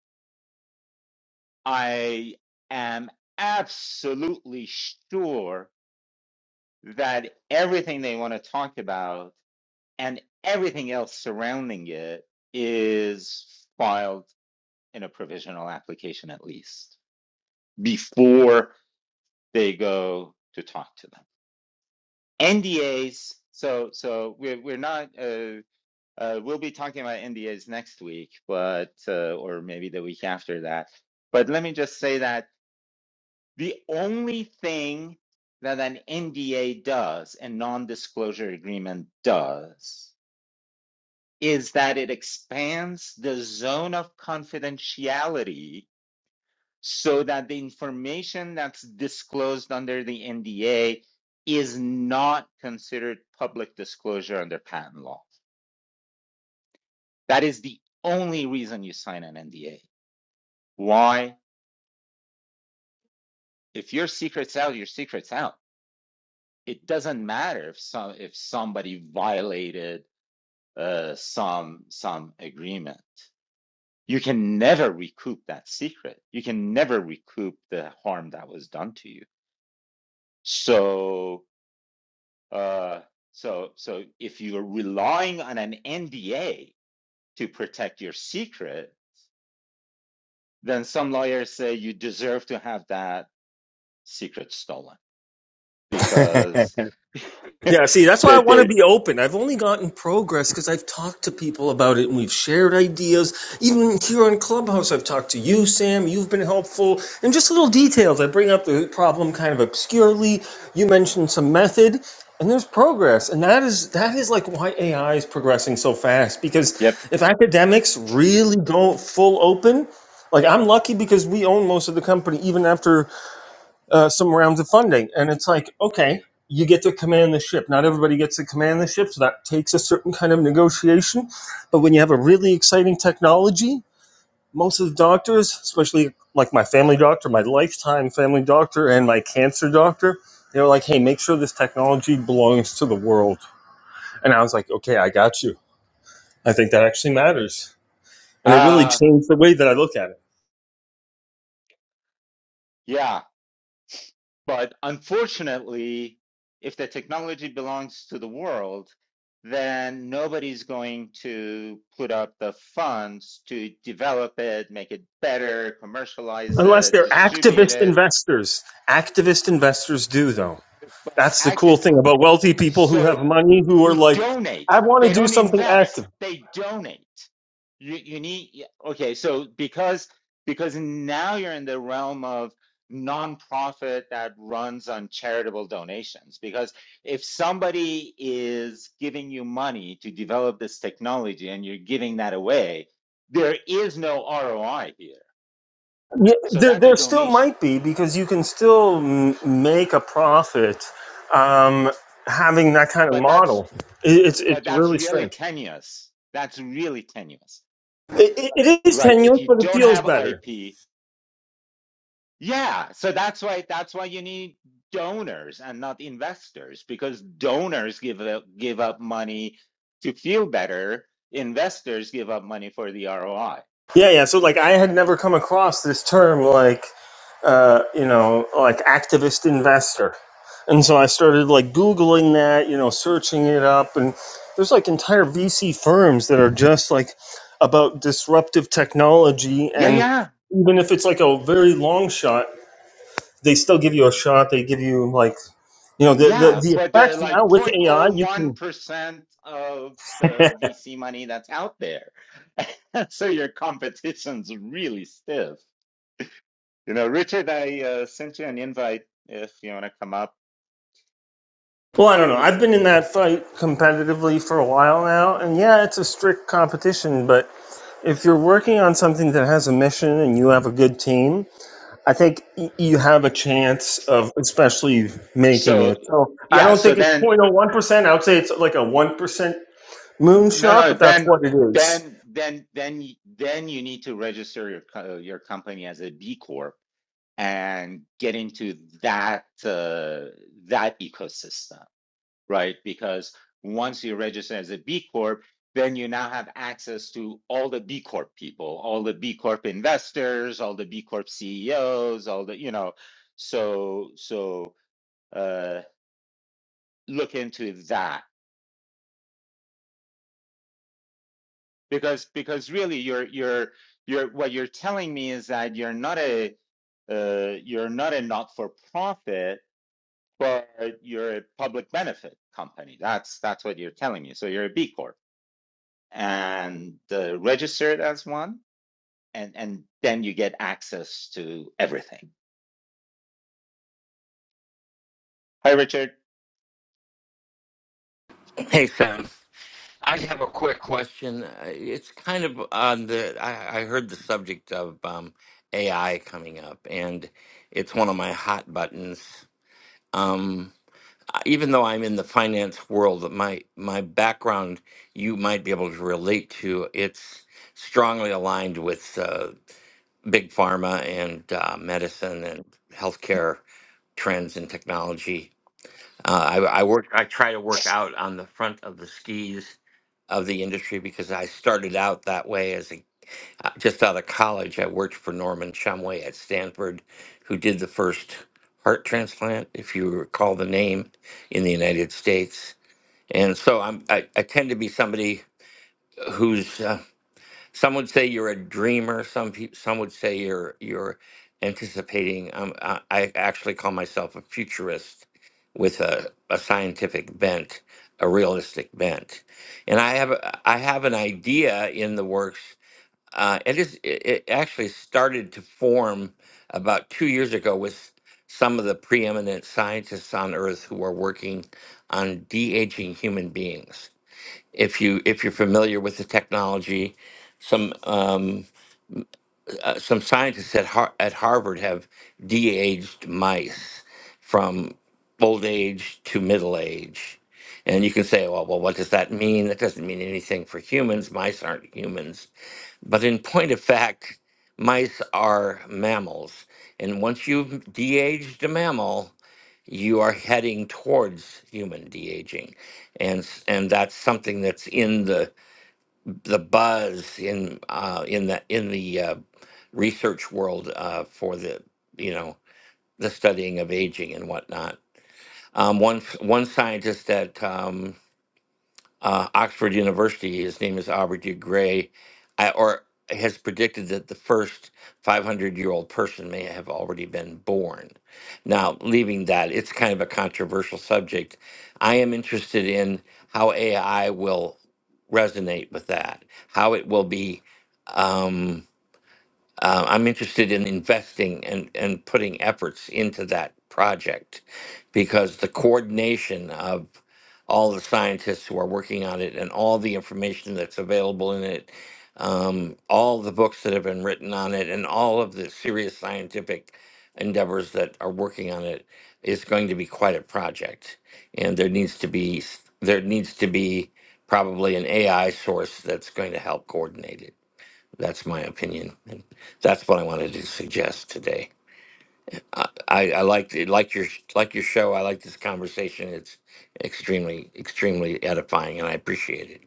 A: I am absolutely sure that everything they want to talk about and everything else surrounding it is filed in a provisional application at least. before they go to talk to them. NDAs. So so we're we're not. Uh, uh, we'll be talking about NDAs next week, but uh, or maybe the week after that. But let me just say that the only thing that an NDA does, a non-disclosure agreement does, is that it expands the zone of confidentiality so that the information that's disclosed under the NDA is not considered public disclosure under patent law. That is the only reason you sign an NDA. Why? If your secret's out, your secret's out. It doesn't matter if some if somebody violated uh, some some agreement. You can never recoup that secret. You can never recoup the harm that was done to you. So Uh, so, so if you're relying on an NDA to protect your secret, then some lawyers say you deserve to have that secret stolen because that
H: Yeah, see, that's why I want to
A: they,
H: be open. I've only gotten progress because I've talked to people about it and we've shared ideas. Even here on Clubhouse, I've talked to you, Sam. You've been helpful. And just little details. I bring up the problem kind of obscurely. You mentioned some method and there's progress. And that is that is like why AI is progressing so fast. Because
A: yep,
H: if academics really go full open, like I'm lucky because we own most of the company even after uh, some rounds of funding. And it's like, okay, you get to command the ship. Not everybody gets to command the ship, so that takes a certain kind of negotiation. But when you have a really exciting technology, most of the doctors, especially like my family doctor, my lifetime family doctor, and my cancer doctor, they're like, hey, make sure this technology belongs to the world. And I was like, okay, I got you. I think that actually matters. And it really
A: uh,
H: changed the way that I look at it.
A: yeah. But unfortunately, if the technology belongs to the world, then nobody's going to put up the funds to develop it, make it better, commercialize
H: Unless
A: it,
H: they're
A: distribute
H: activist
A: it
H: investors. Activist investors do, though.
A: but
H: That's the
A: act
H: cool thing about wealthy people who have
A: so
H: money who are
A: who
H: like,
A: donate
H: I want to
A: they
H: do
A: don't
H: something active.
A: invest they donate you, you need yeah, okay so because because now you're in the realm of nonprofit that runs on charitable donations because if somebody is giving you money to develop this technology and you're giving that away there is no ROI here
H: Yeah,
A: so
H: there,
A: that's a
H: there still
A: donation
H: might be because you can still m- make a profit um, having that kind of
A: but that's
H: model. It, it's
A: but
H: it's
A: that's
H: really
A: really
H: strange.
A: tenuous that's really tenuous
H: It, it, it is
A: right? If
H: tenuous,
A: you
H: but it
A: don't
H: feels
A: have
H: better.
A: IP, yeah. So that's why that's why you need donors and not investors because donors give up, give up money to feel better. Investors give up money for the ROI.
H: Yeah, yeah. So like I had never come across this term like uh, you know, like activist investor. And so I started like googling that, you know, searching it up and there's like entire VC firms that are just like about disruptive technology
A: Yeah,
H: and
A: yeah,
H: even if it's like a very long shot, they still give you a shot. They give you like, you know, the the,
A: yeah.
H: the
A: But they're
H: effects now
A: like
H: with AI, you can
A: 0.01% of the VC money that's out there. so your competition's really stiff. You know, Richard, I uh, sent you an invite if you want to come up.
H: Well, I don't know. I've been in that fight competitively for a while now, and yeah, it's a strict competition, but if you're working on something that has a mission and you have a good team, I think y- you have a chance of especially making
A: So
H: it. So I
A: yeah,
H: don't
A: so
H: think it's
A: then
H: 0.01%. I would say it's like a 1%
A: N- No,
H: moonshot,
A: no.
H: but that's
A: Then,
H: what it is.
A: then, then, then, y- then you need to register your co- your company as a B Corp and get into that uh, that ecosystem, right? Because once you register as a B Corp, then you now have access to all the B Corp people, all the B Corp investors, all the B Corp CEOs, all the you know. So, so uh, look into that because because really you're you're you're what you're telling me is that you're not a uh, you're not a not for profit, but you're a public benefit company. That's that's what you're telling me. So you're a B Corp and uh, registered as one, and and then you get access to everything. Hi, Richard.
I: Hey, Sam. I have a quick question. Uh, It's kind of on the. I, I heard the subject of um, AI coming up, and it's one of my hot buttons. Um, I- even though I'm in the finance world, my my background you might be able to relate to. It's strongly aligned with uh, big pharma and uh, medicine and healthcare trends and technology uh, I, I work. I try to work out on the front of the skis of the industry because I started out that way as a uh, just out of college. I worked for Norman Shumway at Stanford, who did the first heart transplant, if you recall the name, in the United States. And so I'm. I, I tend to be somebody who's uh, some would say you're a dreamer. Some people, some would say you're you're anticipating. Um, I, I actually call myself a futurist with a, a scientific bent, a realistic bent, and I have a- I have an idea in the works. Uh, it is it, it actually started to form about two years ago with some of the preeminent scientists on Earth who are working on de aging human beings if you if you're familiar with the technology. Some um, uh, some scientists at Har- at Harvard have de-aged mice from old age to middle age, and you can say, well, well, what does that mean? That doesn't mean anything for humans. Mice aren't humans, but in point of fact, mice are mammals, and once you've de-aged a mammal, you are heading towards human de-aging and s- and that's something that's in the the buzz in uh, in the in the uh, research world uh, for the you know the studying of aging and whatnot. Um, one one scientist that um, uh, Oxford University. His name is Aubrey de Grey, I, or has predicted that the first 500 year old person may have already been born. Now, leaving that, it's kind of a controversial subject. I am interested in how AI will resonate with that, how it will be. Um, uh, I'm interested in investing and, and putting efforts into that project because the coordination of all the scientists who are working on it and all the information that's available in it, um, all the books that have been written on it, and all of the serious scientific endeavors that are working on it is going to be quite a project. And there needs to be s- there needs to be probably an AI source that's going to help coordinate it. That's my opinion, and that's what I wanted to suggest today. I, I, I like like your like your show. I like this conversation. It's extremely extremely edifying, and I appreciate it.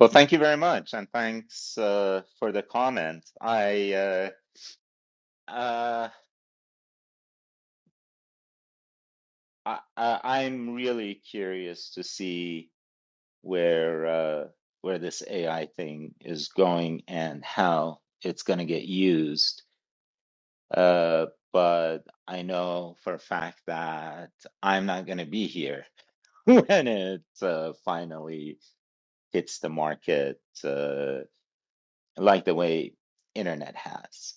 A: Well, thank you very much, and thanks uh, for the comment. I, uh, uh, I I- I'm really curious to see. where uh, where this AI thing is going and how it's going to get used. Uh, but I know for a fact that I'm not going to be here when it uh, finally hits the market, uh, like the way internet has.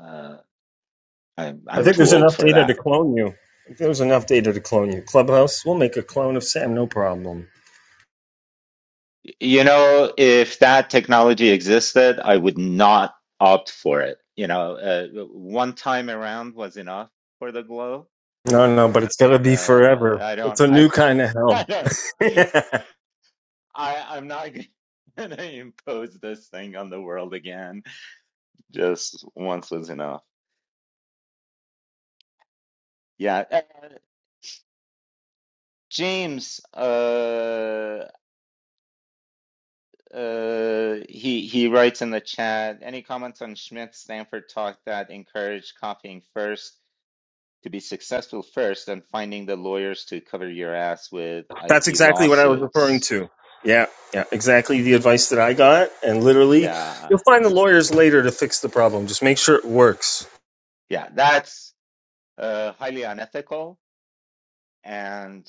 A: Uh, I'm
H: I
A: I'm
H: think
A: too
H: there's
A: old
H: enough
A: for
H: data
A: that.
H: to clone you. There's enough data to clone you. Clubhouse, we'll make a clone of Sam, no problem.
A: You know, if that technology existed, I would not opt for it. You know, uh, one time around was enough for the glow.
H: No, no, but it's got to be
A: Uh,
H: forever.
A: I
H: It's
A: don't,
H: a new
A: I,
H: kind
A: I
H: of
A: don't,
H: hell.
A: I, I'm not gonna impose this thing on the world again. Just once was enough. Yeah. Uh, James, uh, uh, he he writes in the chat, any comments on Schmidt's Stanford talk that encouraged copying first? to be successful first and finding the lawyers to cover your ass with
H: That's
A: IP
H: exactly what I was referring
A: lawsuits.
H: to. Yeah, yeah, exactly the advice that I got. And literally,
A: Yeah.
H: you'll find the lawyers later to fix the problem. Just make sure it works.
A: Yeah. That's uh, highly unethical. And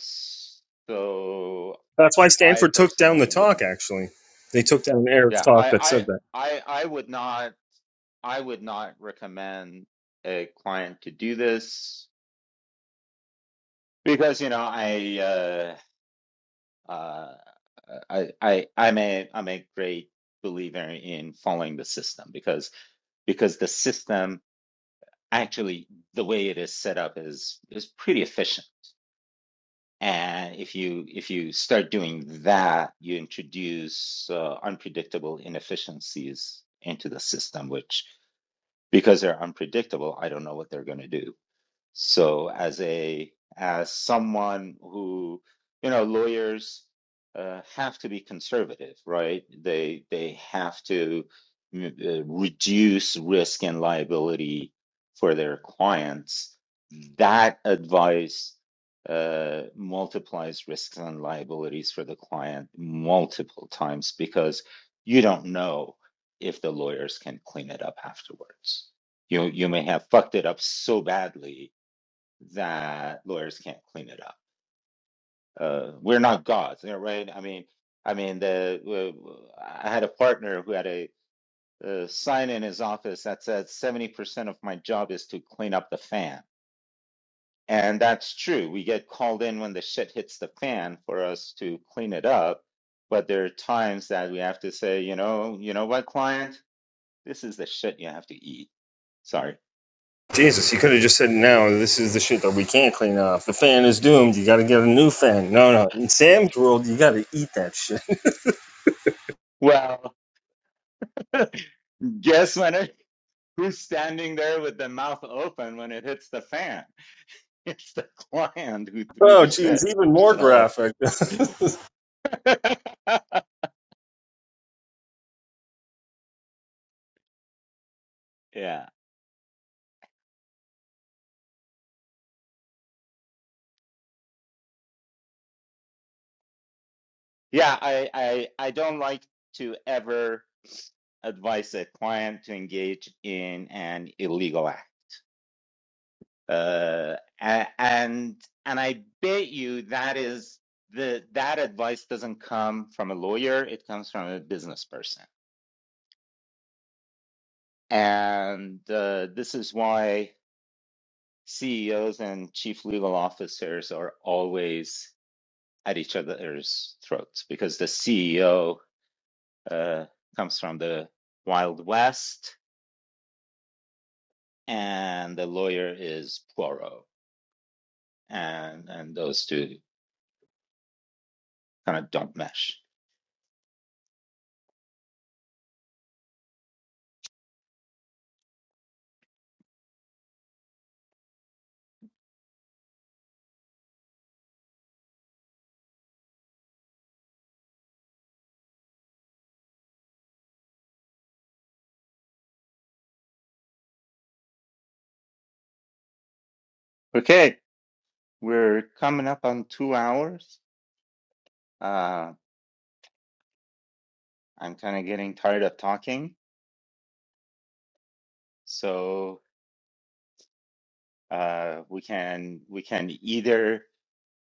A: so
H: That's why
A: I
H: Stanford took down the
A: personally would,
H: talk, actually. They took down Eric's
A: yeah,
H: talk
A: I,
H: that said
A: I,
H: that.
A: I, I would not, I would not recommend a client to do this because, you know, I, uh, uh, I, I, I'm a, I'm a great believer in following the system because because the system actually the way it is set up is is pretty efficient. And if you if you start doing that, you introduce uh, unpredictable inefficiencies into the system, which because they're unpredictable, I don't know what they're going to do. So as a as someone who, you know, lawyers uh, have to be conservative, right? They they have to mm, uh, reduce risk and liability for their clients. That advice uh, multiplies risks and liabilities for the client multiple times because you don't know if the lawyers can clean it up afterwards. You you may have fucked it up so badly that lawyers can't clean it up. Uh, we're not gods, you know, right? I mean, I mean, the I had a partner who had a, uh sign in his office that said seventy percent of my job is to clean up the fan, and that's true. We get called in when the shit hits the fan for us to clean it up, but there are times that we have to say, you know, you know what, client, this is the shit you have to eat. Sorry.
H: Jesus, you could have just said, no, this is the shit that we can't clean off. The fan is doomed. You got to get a new fan. No, no. In Sam's world, you got to eat that shit.
A: Well, guess when it, who's standing there with the mouth open when it hits the fan? it's the client who threw
H: Oh,
A: the
H: geez,
A: shit.
H: even more
A: So
H: graphic.
A: yeah. Yeah, I, I I don't like to ever advise a client to engage in an illegal act. Uh a- and and I bet you that is the that advice doesn't come from a lawyer, it comes from a business person. And uh, this is why CEOs and chief legal officers are always at each other's throats because the CEO uh, comes from the Wild West and the lawyer is Poirot, and and those two kind of don't mesh. Okay, we're coming up on two hours. Uh, I'm kind of getting tired of talking, so uh, we can we can either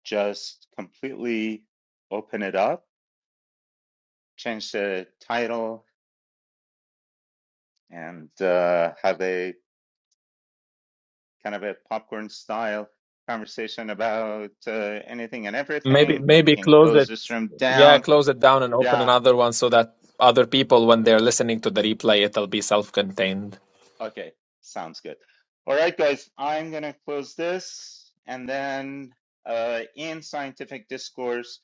A: just completely open it up, change the title, and uh, have a kind of a popcorn style conversation about uh, anything and
D: Maybe
A: everything. We
D: maybe
A: can
D: close
A: close
D: it.
A: this room
D: Yeah,
A: down.
D: close it down and open
A: Yeah,
D: another one so that other people, when they're listening to the replay, it'll be self-contained.
A: okay, sounds good. All right, guys, I'm going to close this and then uh, in scientific discourse,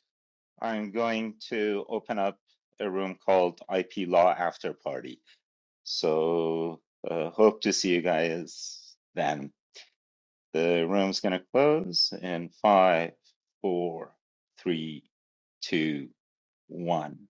A: I'm going to open up a room called IP Law After Party. So, uh, hope to see you guys then. The room's going to close in five, four, three, two, one.